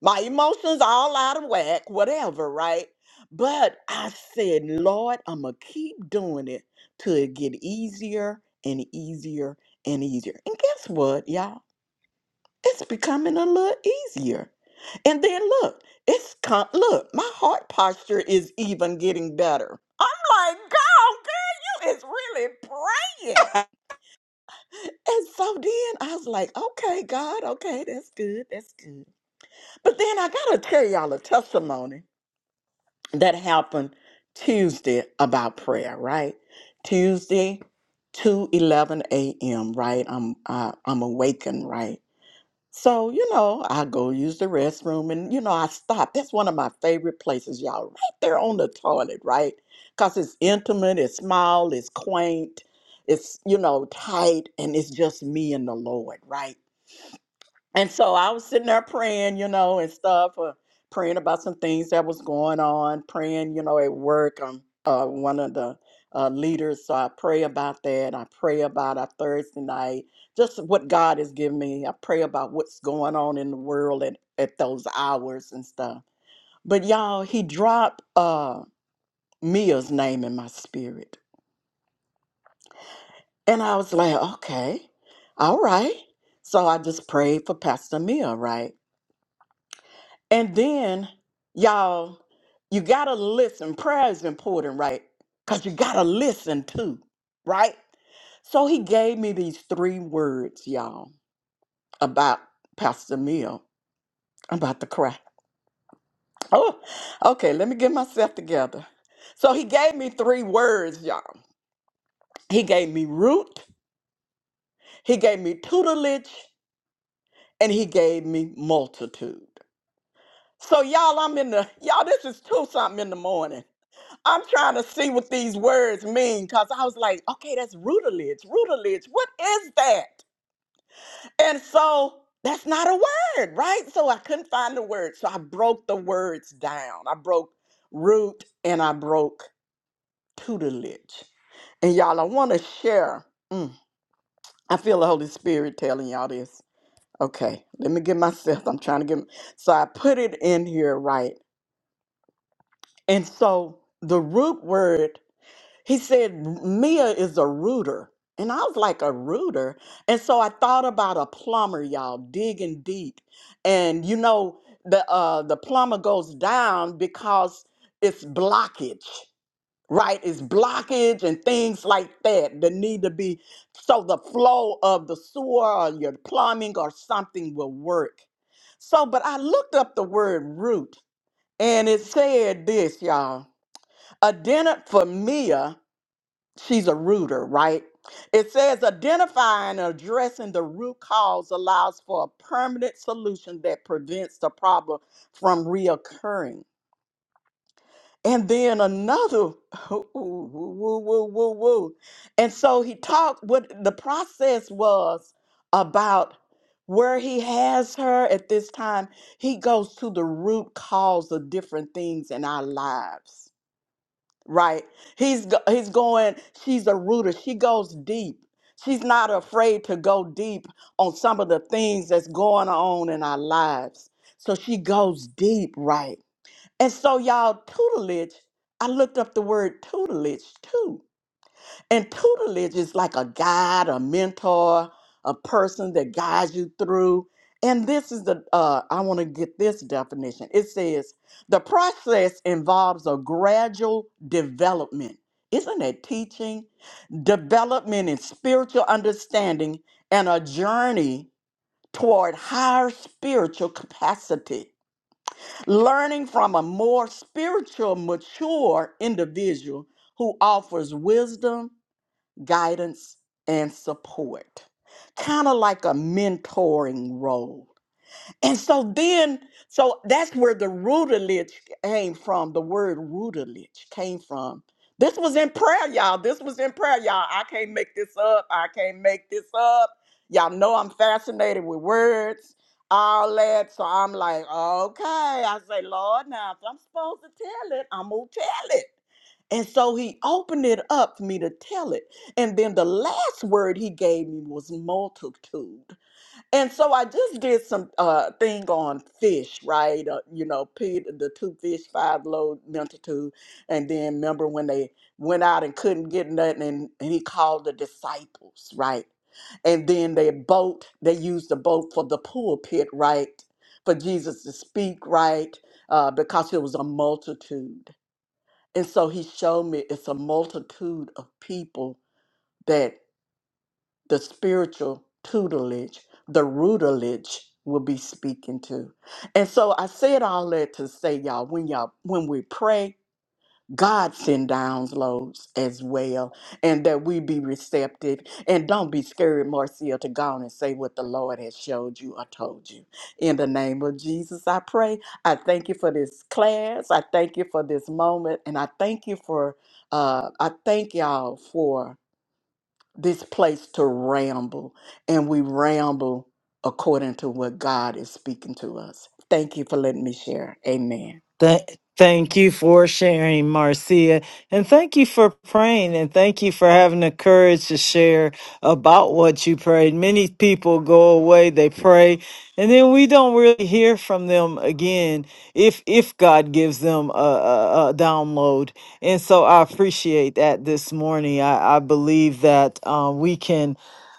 my emotions are all out of whack, whatever, right? But I said, Lord, I'm gonna keep doing it till it get easier and easier and easier. And guess what, y'all? It's becoming a little easier. And then look, it's come. Look, my heart posture is even getting better. I'm like, God, girl, you is really praying. And so then I was like, okay, God, okay, that's good, that's good. But then I gotta tell y'all a testimony. that happened Tuesday about prayer, right? Tuesday, two eleven a.m., right? I'm, uh, I'm awakened, right? So, you know, I go use the restroom and, you know, I stop. That's one of my favorite places, y'all, right there on the toilet, right? Because it's intimate, it's small, it's quaint, it's, you know, tight, and it's just me and the Lord, right? And so I was sitting there praying, you know, and stuff, uh, praying about some things that was going on, praying, you know, at work. I'm uh, one of the uh, leaders, so I pray about that. I pray about our Thursday night, just what God has given me. I pray about what's going on in the world at, at those hours and stuff. But y'all, he dropped uh, Mia's name in my spirit. And I was like, okay, all right. So I just prayed for Pastor Mia, right? And then, y'all, you gotta listen. Prayer is important, right? Because you gotta listen too, right? So he gave me these three words, y'all, about Pastor Mill. I'm about to cry. Oh, okay, let me get myself together. So he gave me three words, y'all. He gave me root, he gave me tutelage, and he gave me multitude. So y'all, I'm in the y'all, this is two something in the morning. I'm trying to see what these words mean because I was like, okay, that's rootilage. Rootilage, what is that? And so that's not a word, right? So I couldn't find the word. So I broke the words down. I broke root and I broke tutelage. And y'all, I want to share. Mm, I feel the Holy Spirit telling y'all this. Okay, let me get myself. I'm trying to get. So I put it in here, right? And so the root word He said, Mia is a rooter. And I was like, a rooter? And so I thought about a plumber, y'all, digging deep. And you know, the uh the plumber goes down because it's blockage, right? It's blockage and things like that that need to be so the flow of the sewer or your plumbing or something will work. So, but I looked up the word root and it said this, y'all. A denant for Mia she's a rooter, right? It says identifying and addressing the root cause allows for a permanent solution that prevents the problem from reoccurring. And then another, ooh, ooh, woo, woo, woo, woo. And so he talked, what the process was about where he has her at this time. He goes to the root cause of different things in our lives right? He's go- he's going. She's a rooter. She goes deep. She's not afraid to go deep on some of the things that's going on in our lives. So she goes deep, right? And so y'all tutelage. I looked up the word tutelage too. And tutelage is like a guide, a mentor, a person that guides you through. And this is the, uh, I want to get this definition. It says the process involves a gradual development. Isn't that teaching? Development in spiritual understanding and a journey toward higher spiritual capacity. Learning from a more spiritual, mature individual who offers wisdom guidance, and support, kind of like a mentoring role. And so then, so that's where the rootilage came from. The word rootilage came from. This was in prayer, y'all. This was in prayer, y'all. I can't make this up. I can't make this up. Y'all know I'm fascinated with words, all that. So I'm like, okay. I say, Lord, now if I'm supposed to tell it, I'm gonna tell it. And so he opened it up for me to tell it. And then the last word he gave me was multitude. And so I just did some uh thing on fish, right? Uh, you know, Peter, the two fish, five loaves, multitude. And then remember when they went out and couldn't get nothing and, and he called the disciples, right? And then their boat, they used the boat for the pulpit, right? For Jesus to speak, right? Uh, because it was a multitude. And so he showed me it's a multitude of people that the spiritual tutelage, the rootelage will be speaking to. And so I said all that to say, y'all, when y'all when we pray, God send downloads as well, and that we be receptive. And don't be scared, Marcia, to go on and say what the Lord has showed you or told you. In the name of Jesus, I pray. I thank you for this class. I thank you for this moment, and I thank you for. Uh, I thank y'all for this place to ramble, and we ramble according to what God is speaking to us. Thank you for letting me share. Amen.
Th- thank you for sharing, Marcia. And thank you for praying. And thank you for having the courage to share about what you prayed. Many people go away, they pray, and then we don't really hear from them again if if God gives them a, a, a download. And so I appreciate that this morning. I, I believe that uh, we can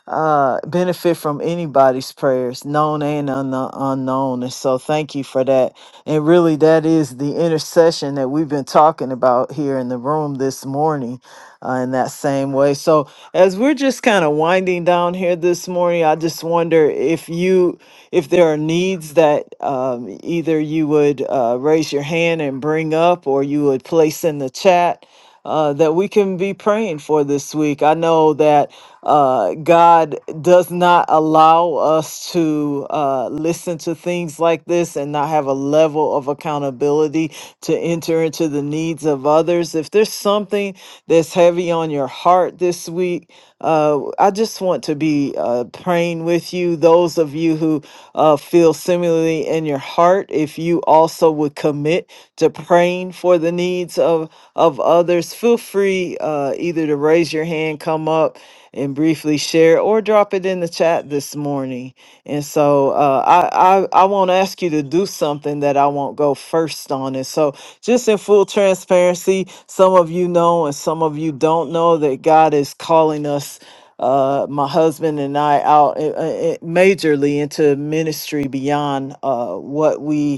uh, benefit from anybody's prayers, known and unkno- unknown. And so, thank you for that. And really, that is the intercession that we've been talking about here in the room this morning uh, in that same way. So, as we're just kind of winding down here this morning, I just wonder if you, if there are needs that um, either you would uh, raise your hand and bring up or you would place in the chat uh, that we can be praying for this week. I know that uh, God does not allow us to uh, listen to things like this and not have a level of accountability to enter into the needs of others. If there's something that's heavy on your heart this week, uh, I just want to be uh, praying with you. Those of you who uh, feel similarly in your heart, if you also would commit to praying praying for the needs of of others, feel free uh, either to raise your hand, come up and briefly share, or drop it in the chat this morning. And so uh, I, I I won't ask you to do something that I won't go first on. And so just in full transparency, some of you know and some of you don't know that God is calling us uh my husband and i out uh, uh, uh, majorly into ministry beyond uh what we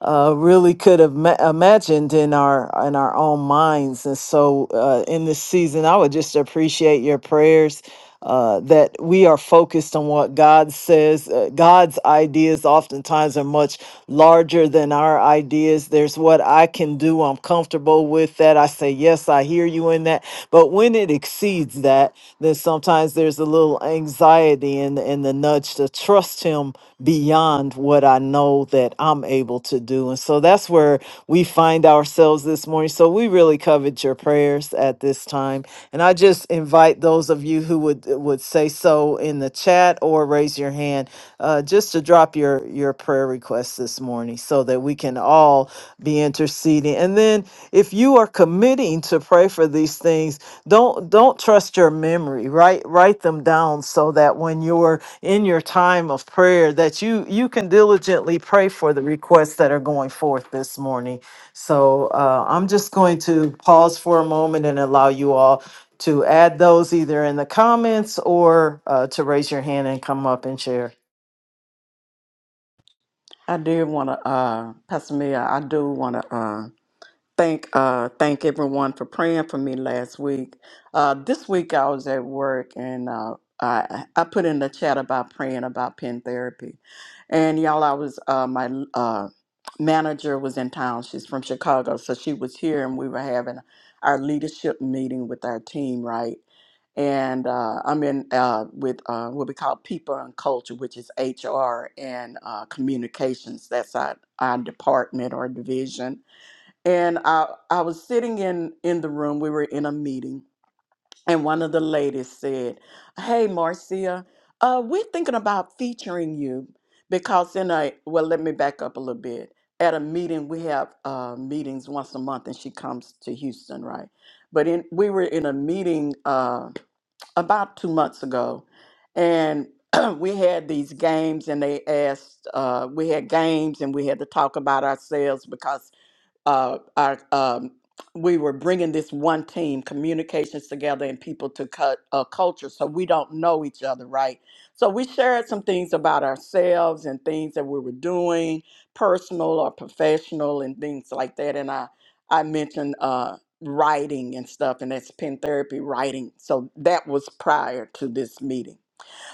uh, really could have ma- imagined in our in our own minds. And so, uh, in this season, I would just appreciate your prayers uh, that we are focused on what God says. Uh, God's ideas oftentimes are much larger than our ideas. There's what I can do. I'm comfortable with that. I say yes. I hear you in that. But when it exceeds that, then sometimes there's a little anxiety and and the nudge to trust Him beyond beyond what I know that I'm able to do. And so that's where we find ourselves this morning. So we really covered your prayers at this time. And I just invite those of you who would would say so in the chat or raise your hand uh, just to drop your your prayer requests this morning so that we can all be interceding. And then if you are committing to pray for these things, don't don't trust your memory. Write write them down so that when you're in your time of prayer that you you can diligently pray for the requests that are going forth this morning. So uh, I'm just going to pause for a moment and allow you all to add those either in the comments or uh, to raise your hand and come up and share.
I do want to, uh, Pastor Mia, I do want to uh, thank uh thank everyone for praying for me last week. Uh this week I was at work and uh I I put in the chat about praying about pen therapy. And y'all I was uh my uh manager was in town. She's from Chicago, so she was here and we were having our leadership meeting with our team, right? And uh, I'm in uh, with uh, what we call people and culture, which is HR and uh, communications. That's our, our department or division and I I was sitting in in the room. We were in a meeting, and one of the ladies said, "Hey, Marcia, uh, we're thinking about featuring you because in a well, let me back up a little bit. At a meeting, we have uh, meetings once a month, and she comes to Houston, right? But in we were in a meeting uh, about two months ago, and we had these games, and they asked uh, we had games, and we had to talk about ourselves because." uh, our um, we were bringing this one team communications together and people to cut uh, culture so we don't know each other right so we shared some things about ourselves and things that we were doing personal or professional and things like that and i i mentioned uh writing and stuff and that's pen therapy writing so that was prior to this meeting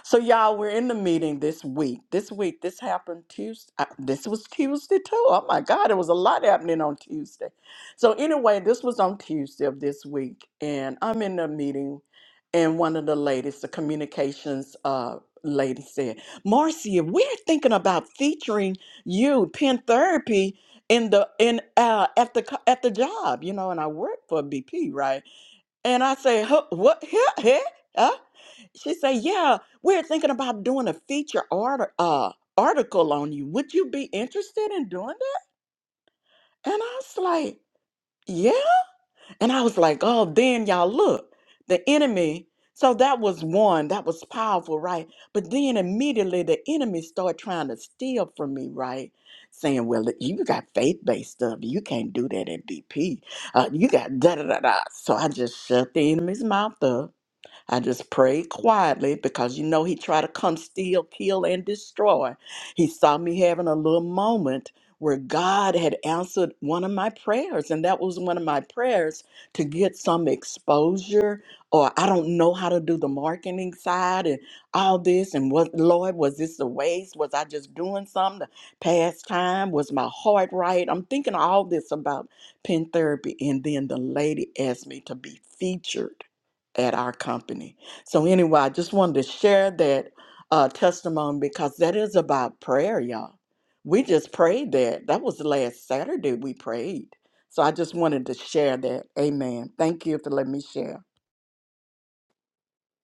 so y'all, we're in the meeting this week. This week, this happened Tuesday. This was Tuesday too. Oh my God, it was a lot happening on Tuesday. So anyway, this was on Tuesday of this week, and I'm in the meeting, and one of the ladies, the communications uh lady, said, "Marcia, we're thinking about featuring you, pen therapy." In the in uh, at the co- at the job, you know, and I work for BP, right? And I say, huh, what? Huh, huh, huh? She said, yeah, we're thinking about doing a feature art- uh, article on you. Would you be interested in doing that? And I was like, yeah. And I was like, oh, then y'all look, the enemy. So that was one, that was powerful, right? But then immediately the enemy started trying to steal from me, right? Saying, well, you got faith based stuff. You can't do that at BP. Uh, you got da da da da. So I just shut the enemy's mouth up I just prayed quietly because you know he tried to come steal, kill, and destroy. He saw me having a little moment where God had answered one of my prayers, and that was one of my prayers to get some exposure. Or I don't know how to do the marketing side and all this. And what, Lord, was this a waste? Was I just doing something to pass time? Was my heart right? I'm thinking all this about pen therapy. And then the lady asked me to be featured at our company. So anyway, I just wanted to share that uh, testimony because that is about prayer, y'all. We just prayed that. That was last Saturday we prayed. So I just wanted to share that. Amen. Thank you for letting me share.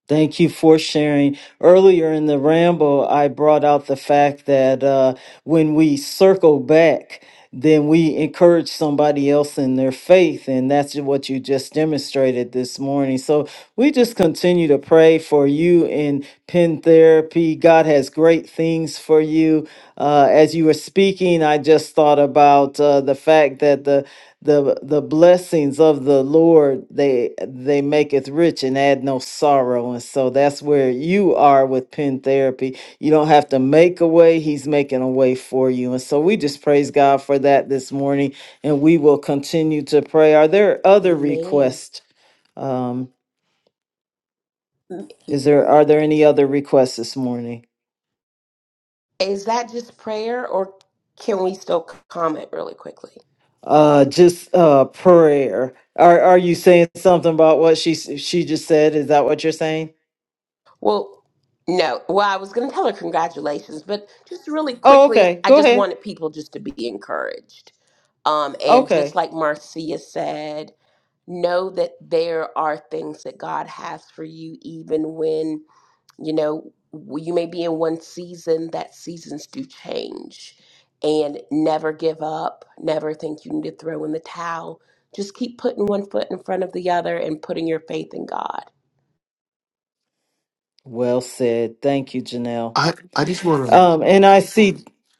Thank you for sharing. Earlier in the ramble, I brought out the fact that uh, when we circle back, then we encourage somebody else in their faith. And that's what you just demonstrated this morning. So we just continue to pray for you in pen therapy. God has great things for you. Uh, as you were speaking, I just thought about uh, the fact that the the the blessings of the Lord they they maketh rich and add no sorrow, and so that's where you are with pen therapy. You don't have to make a way; He's making a way for you, and so we just praise God for that this morning, and we will continue to pray. Are there other
Amen.
requests? Um, is there are there any other requests this morning?
Is that just prayer or can we still c- comment really quickly?
Uh, just uh, prayer. Are are you saying something about what she s- she just said? Is that what you're saying?
Well, no. Well, I was going to tell her congratulations, but just really
Oh,
quickly,
okay.
I
Go
just
ahead.
wanted people just to be encouraged. Um, and just
Okay.
like Marcia said, know that there are things that God has for you, even when, you know, w- you may be in one season, that seasons do change. And never give up, never think you need to throw in the towel. Just keep putting one foot in front of the other and putting your faith in God.
Well said. Thank you, Janelle.
I I just want to.
Um, and I see.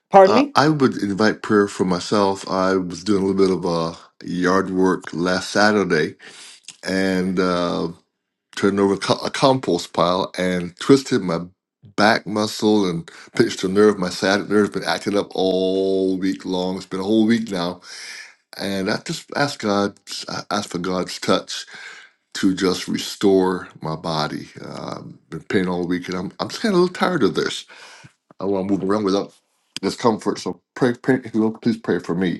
Pardon
Uh,
me.
I would invite prayer for myself. I was doing a little bit of uh, yard work last Saturday and uh, turned over co- a compost pile and twisted my back muscle and pinched a nerve. My sciatic nerve has been acting up all week long. It's been a whole week now And I just ask God, I ask for God's touch to just restore my body. Uh, I've been pain all week, and I'm I'm just kind of a little tired of this. I want to move around without discomfort. So pray, pray if you will, please pray for me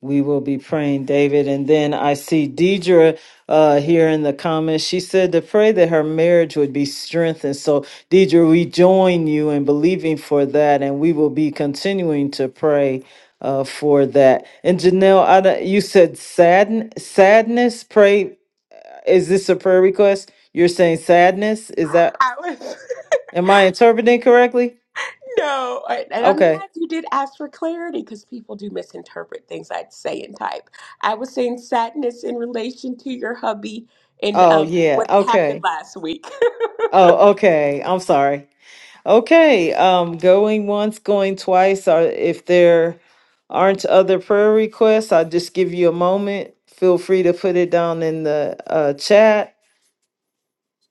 We will be praying, David. And then I see Deidre uh, here in the comments. She said to pray that her marriage would be strengthened. So, Deidre, we join you in believing for that, and we will be continuing to pray uh, for that. And Janelle, I, don't- you said sadn- sadness. Pray. Is this a prayer request? You're saying sadness? Is that?
I was.
Am I interpreting correctly?
No, I- and I'm
Okay.
glad you did ask for clarity because people do misinterpret things I say and type. I was saying sadness in relation to your hubby and
Oh
um,
yeah.
what happened
Okay.
last week.
Oh okay. I'm sorry. Okay, um, going once, going twice, or if there aren't other prayer requests, I'll just give you a moment. Feel free to put it down in the uh, chat.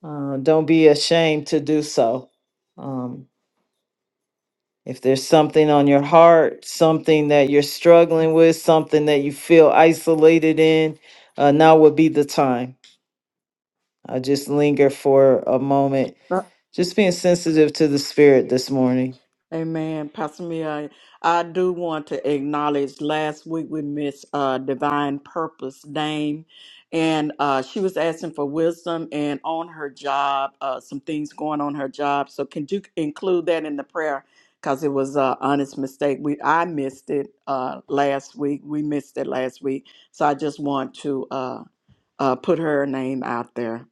Uh, don't be ashamed to do so. Um, if there's something on your heart, something that you're struggling with, something that you feel isolated in, uh, now would be the time. I just linger for a moment, just being sensitive to the spirit this morning.
Amen. Pastor Mia, I do want to acknowledge last week we missed uh, Divine Purpose Dame, and uh, she was asking for wisdom and on her job, uh, some things going on her job. So can you include that in the prayer? Because it was an honest mistake. We I missed it uh, last week. We missed it last week. So I just want to uh, uh, put her name out there.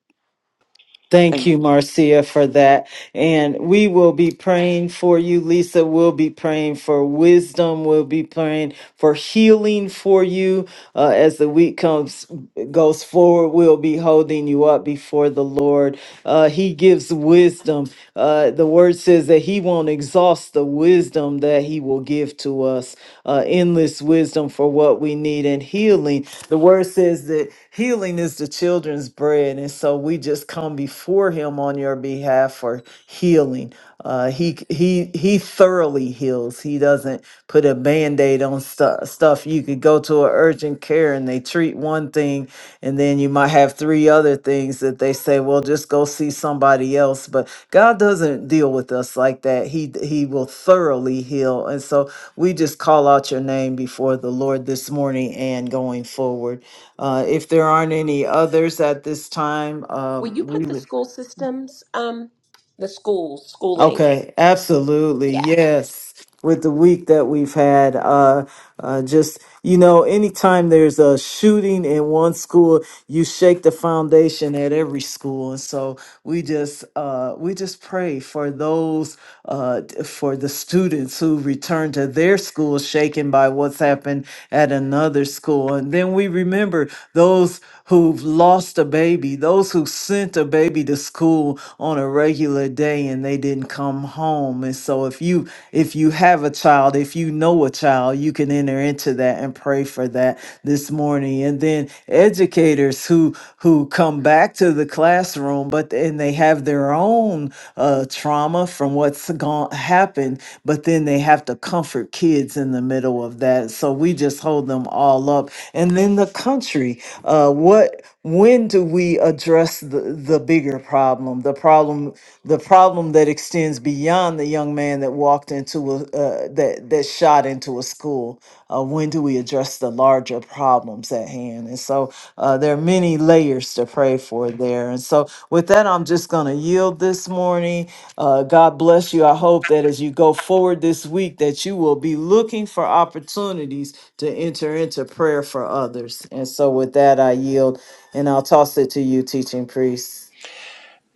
Thank
Thank
you,
you.
Marcia, for that. And we will be praying for you. Lisa we will be praying for wisdom. We'll be praying for healing for you. Uh, as the week comes, goes forward, we'll be holding you up before the Lord. Uh, he gives wisdom. Uh, the word says that he won't exhaust the wisdom that he will give to us, uh, endless wisdom for what we need and healing. The word says that Healing is the children's bread. And so we just come before him on your behalf for healing. Uh, he he he thoroughly heals. He doesn't put a band-aid on stu- stuff. You could go to an urgent care and they treat one thing, and then you might have three other things that they say, well, just go see somebody else. But God doesn't deal with us like that. He he will thoroughly heal. And so we just call out your name before the Lord this morning and going forward. Uh, if there aren't any others at this time,
Will
um,
you
we
put the
will.
school systems, um, the schools, schooling?
Okay, absolutely.
Yeah.
Yes. With the week that we've had, uh, uh, just, you know, anytime there's a shooting in one school, you shake the foundation at every school. And so we just uh, we just pray for those uh, t- for the students who return to their school shaken by what's happened at another school, and then we remember those who've lost a baby, those who sent a baby to school on a regular day and they didn't come home. And so if you if you have a child, if you know a child, you can enter into that and pray for that this morning. And then educators who who come come back to the classroom, but and they have their own uh, trauma from what's gone happened, but then they have to comfort kids in the middle of that. So we just hold them all up, and then the country. Uh, what when do we address the, the bigger problem? The problem the problem that extends beyond the young man that walked into a uh, that that shot into a school. Uh, when do we address the larger problems at hand? And so uh, there are many layers to pray for there. And so, with that, I'm just going to yield this morning. Uh, God bless you. I hope that as you go forward this week, that you will be looking for opportunities to enter into prayer for others. And so, with that, I yield and I'll toss it to you, teaching priest.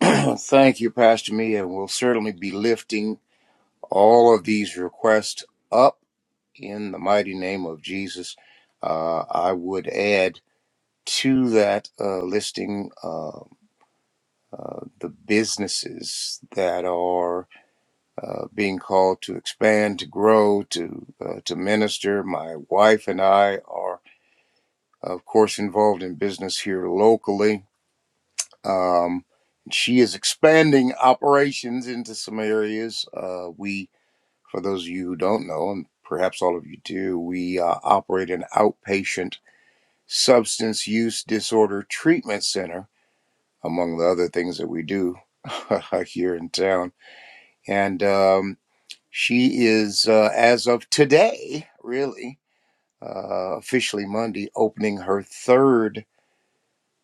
Thank you, Pastor Mia. we'll certainly be lifting all of these requests up in the mighty name of Jesus. Uh, I would add to that uh, listing uh, uh, the businesses that are uh, being called to expand, to grow, to uh, to minister. My wife and I are, of course, involved in business here locally Um, she is expanding operations into some areas. Uh, we, for those of you who don't know, and perhaps all of you do, we uh, operate an outpatient substance use disorder treatment center, among the other things that we do here in town. And um, she is, uh, as of today, really, uh, officially Monday, opening her third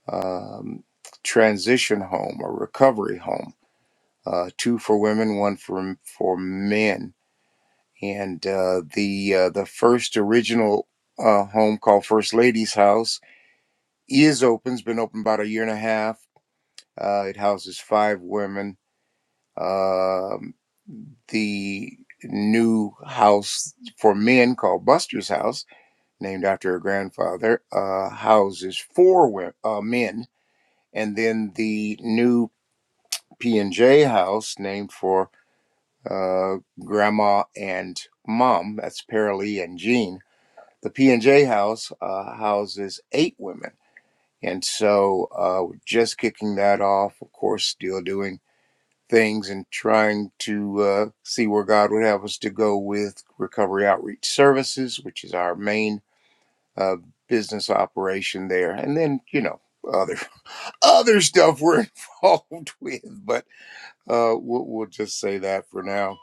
um, transition home or recovery home uh, two for women, one for for men. And uh, the uh, the first original uh, home called First Lady's House is open. It's been open about a year and a half. Uh, it houses five women. Um the new house for men called Buster's House, named after her grandfather, uh, houses four wo- uh, men. And then the new P and J house, named for uh, grandma and mom. That's Paralee and Jean. The P and J house uh, houses eight women, and so uh, just kicking that off. Of course, still doing things and trying to uh, see where God would have us to go with Recovery Outreach Services, which is our main uh, business operation there, and then you know other other stuff we're involved with, but uh, we'll, we'll just say that for now.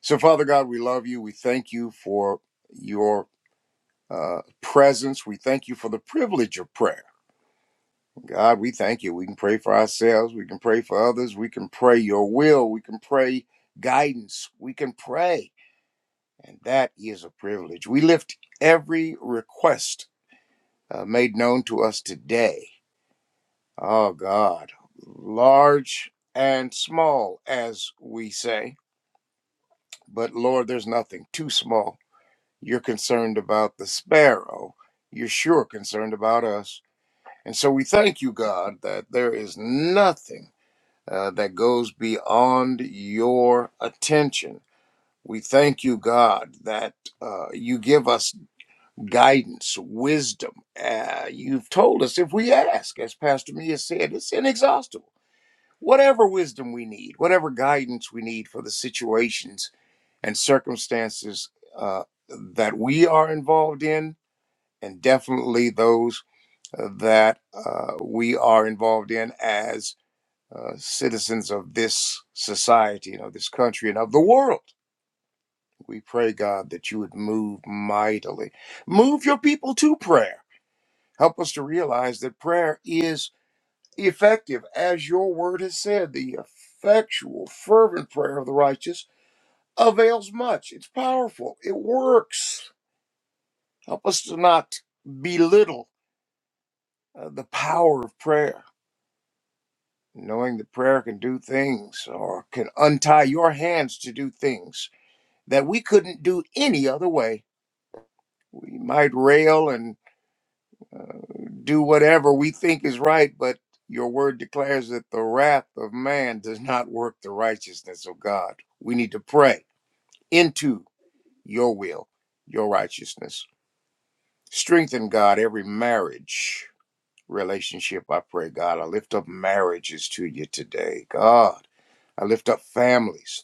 So, Father God, we love you. We thank you for your uh, presence. We thank you for the privilege of prayer. God, we thank you. We can pray for ourselves. We can pray for others. We can pray your will. We can pray guidance. We can pray. And that is a privilege. We lift every request uh, made known to us today. Oh, God, large and small, as we say. But Lord, there's nothing too small You're concerned about the sparrow. You're sure concerned about us. And so we thank you, God, that there is nothing uh, that goes beyond your attention. We thank you, God, that uh, you give us guidance, wisdom. Uh, you've told us if we ask, as Pastor Mia said, it's inexhaustible. Whatever wisdom we need, whatever guidance we need for the situations and circumstances uh, that we are involved in, and definitely those uh, that uh, we are involved in as uh, citizens of this society and of this country and of the world. We pray, God, that you would move mightily. Move your people to prayer. Help us to realize that prayer is effective, as your word has said. The effectual, fervent prayer of the righteous avails much. It's powerful, it works. Help us to not belittle uh, the power of prayer knowing that prayer can do things or can untie your hands to do things that we couldn't do any other way. We might rail and do whatever we think is right, but your word declares that the wrath of man does not work the righteousness of God. We need to pray into your will, your righteousness. Strengthen God every marriage relationship. I pray, God, I lift up marriages to you today. God, I lift up families.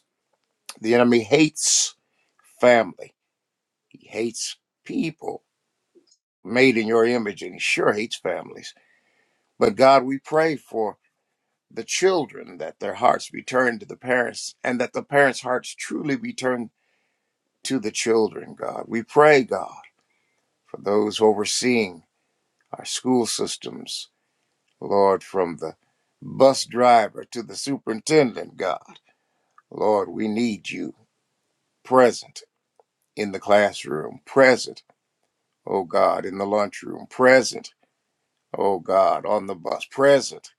The enemy hates family. He hates people made in your image, and he sure hates families. But God, we pray for the children that their hearts be turned to the parents, and that the parents' hearts truly be turned to the children, God. We pray, God, for those overseeing our school systems, Lord, from the bus driver to the superintendent, God. Lord, we need you present in the classroom, present oh God, in the lunchroom, present, oh God, on the bus, present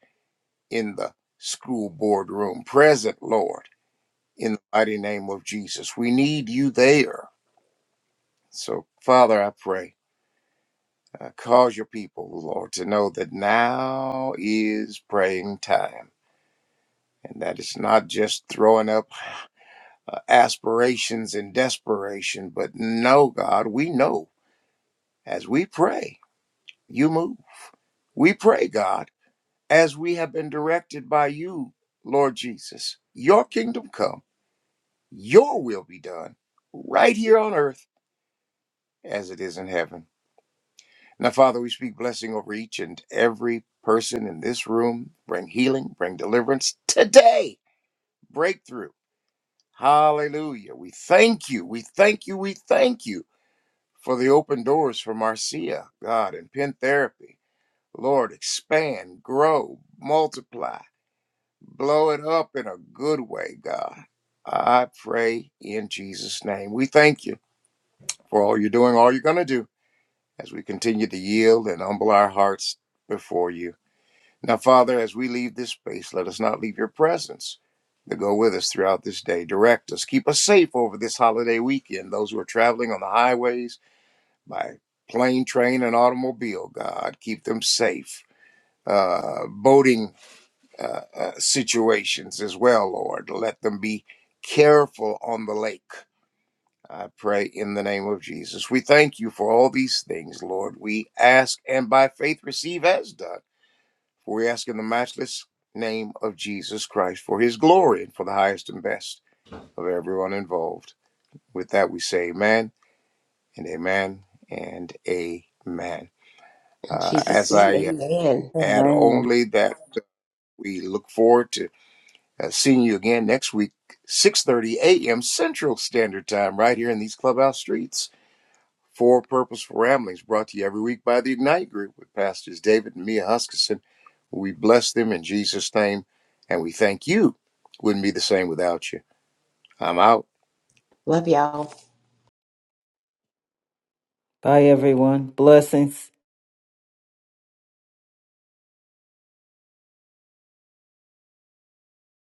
in the school board room, present, Lord, in the mighty name of Jesus. We need you there. So, Father, I pray, uh, cause your people, Lord, to know that now is praying time. And that it's not just throwing up uh, aspirations and desperation, but no, God, we know as we pray, you move. We pray, God. as we have been directed by you, Lord Jesus. Your kingdom come, your will be done, right here on earth as it is in heaven. Now, Father, we speak blessing over each and every person in this room. Bring healing, bring deliverance today. Breakthrough. Hallelujah. We thank you. We thank you. We thank you for the open doors for Marcia, God, and Penn Therapy. Lord, expand, grow, multiply Blow it up in a good way, God. I pray in Jesus' name. We thank you for all you're doing, all you're going to do as we continue to yield and humble our hearts before you. Now, Father, as we leave this space, let us not leave your presence to go with us throughout this day. Direct us. Keep us safe over this holiday weekend. Those who are traveling on the highways by plane, train, and automobile, God, keep them safe. Uh, boating uh, uh, situations as well, Lord. Let them be careful on the lake. I pray in the name of Jesus. We thank you for all these things, Lord. We ask and by faith receive as done. For we ask in the matchless name of Jesus Christ for his glory and for the highest and best of everyone involved. With that, we say amen and amen and amen.
In
Uh,
Jesus'
as
name,
I
amen.
add
Amen.
only that we look forward to. Uh, seeing you again next week, 6.30 a.m. Central Standard Time, right here in these clubhouse streets. For Purposeful Ramblings, brought to you every week by the Ignite Group with Pastors David and Mia Huskisson. We bless them in Jesus' name, and we thank you. Wouldn't be the same without you. I'm out.
Love y'all.
Bye, everyone. Blessings.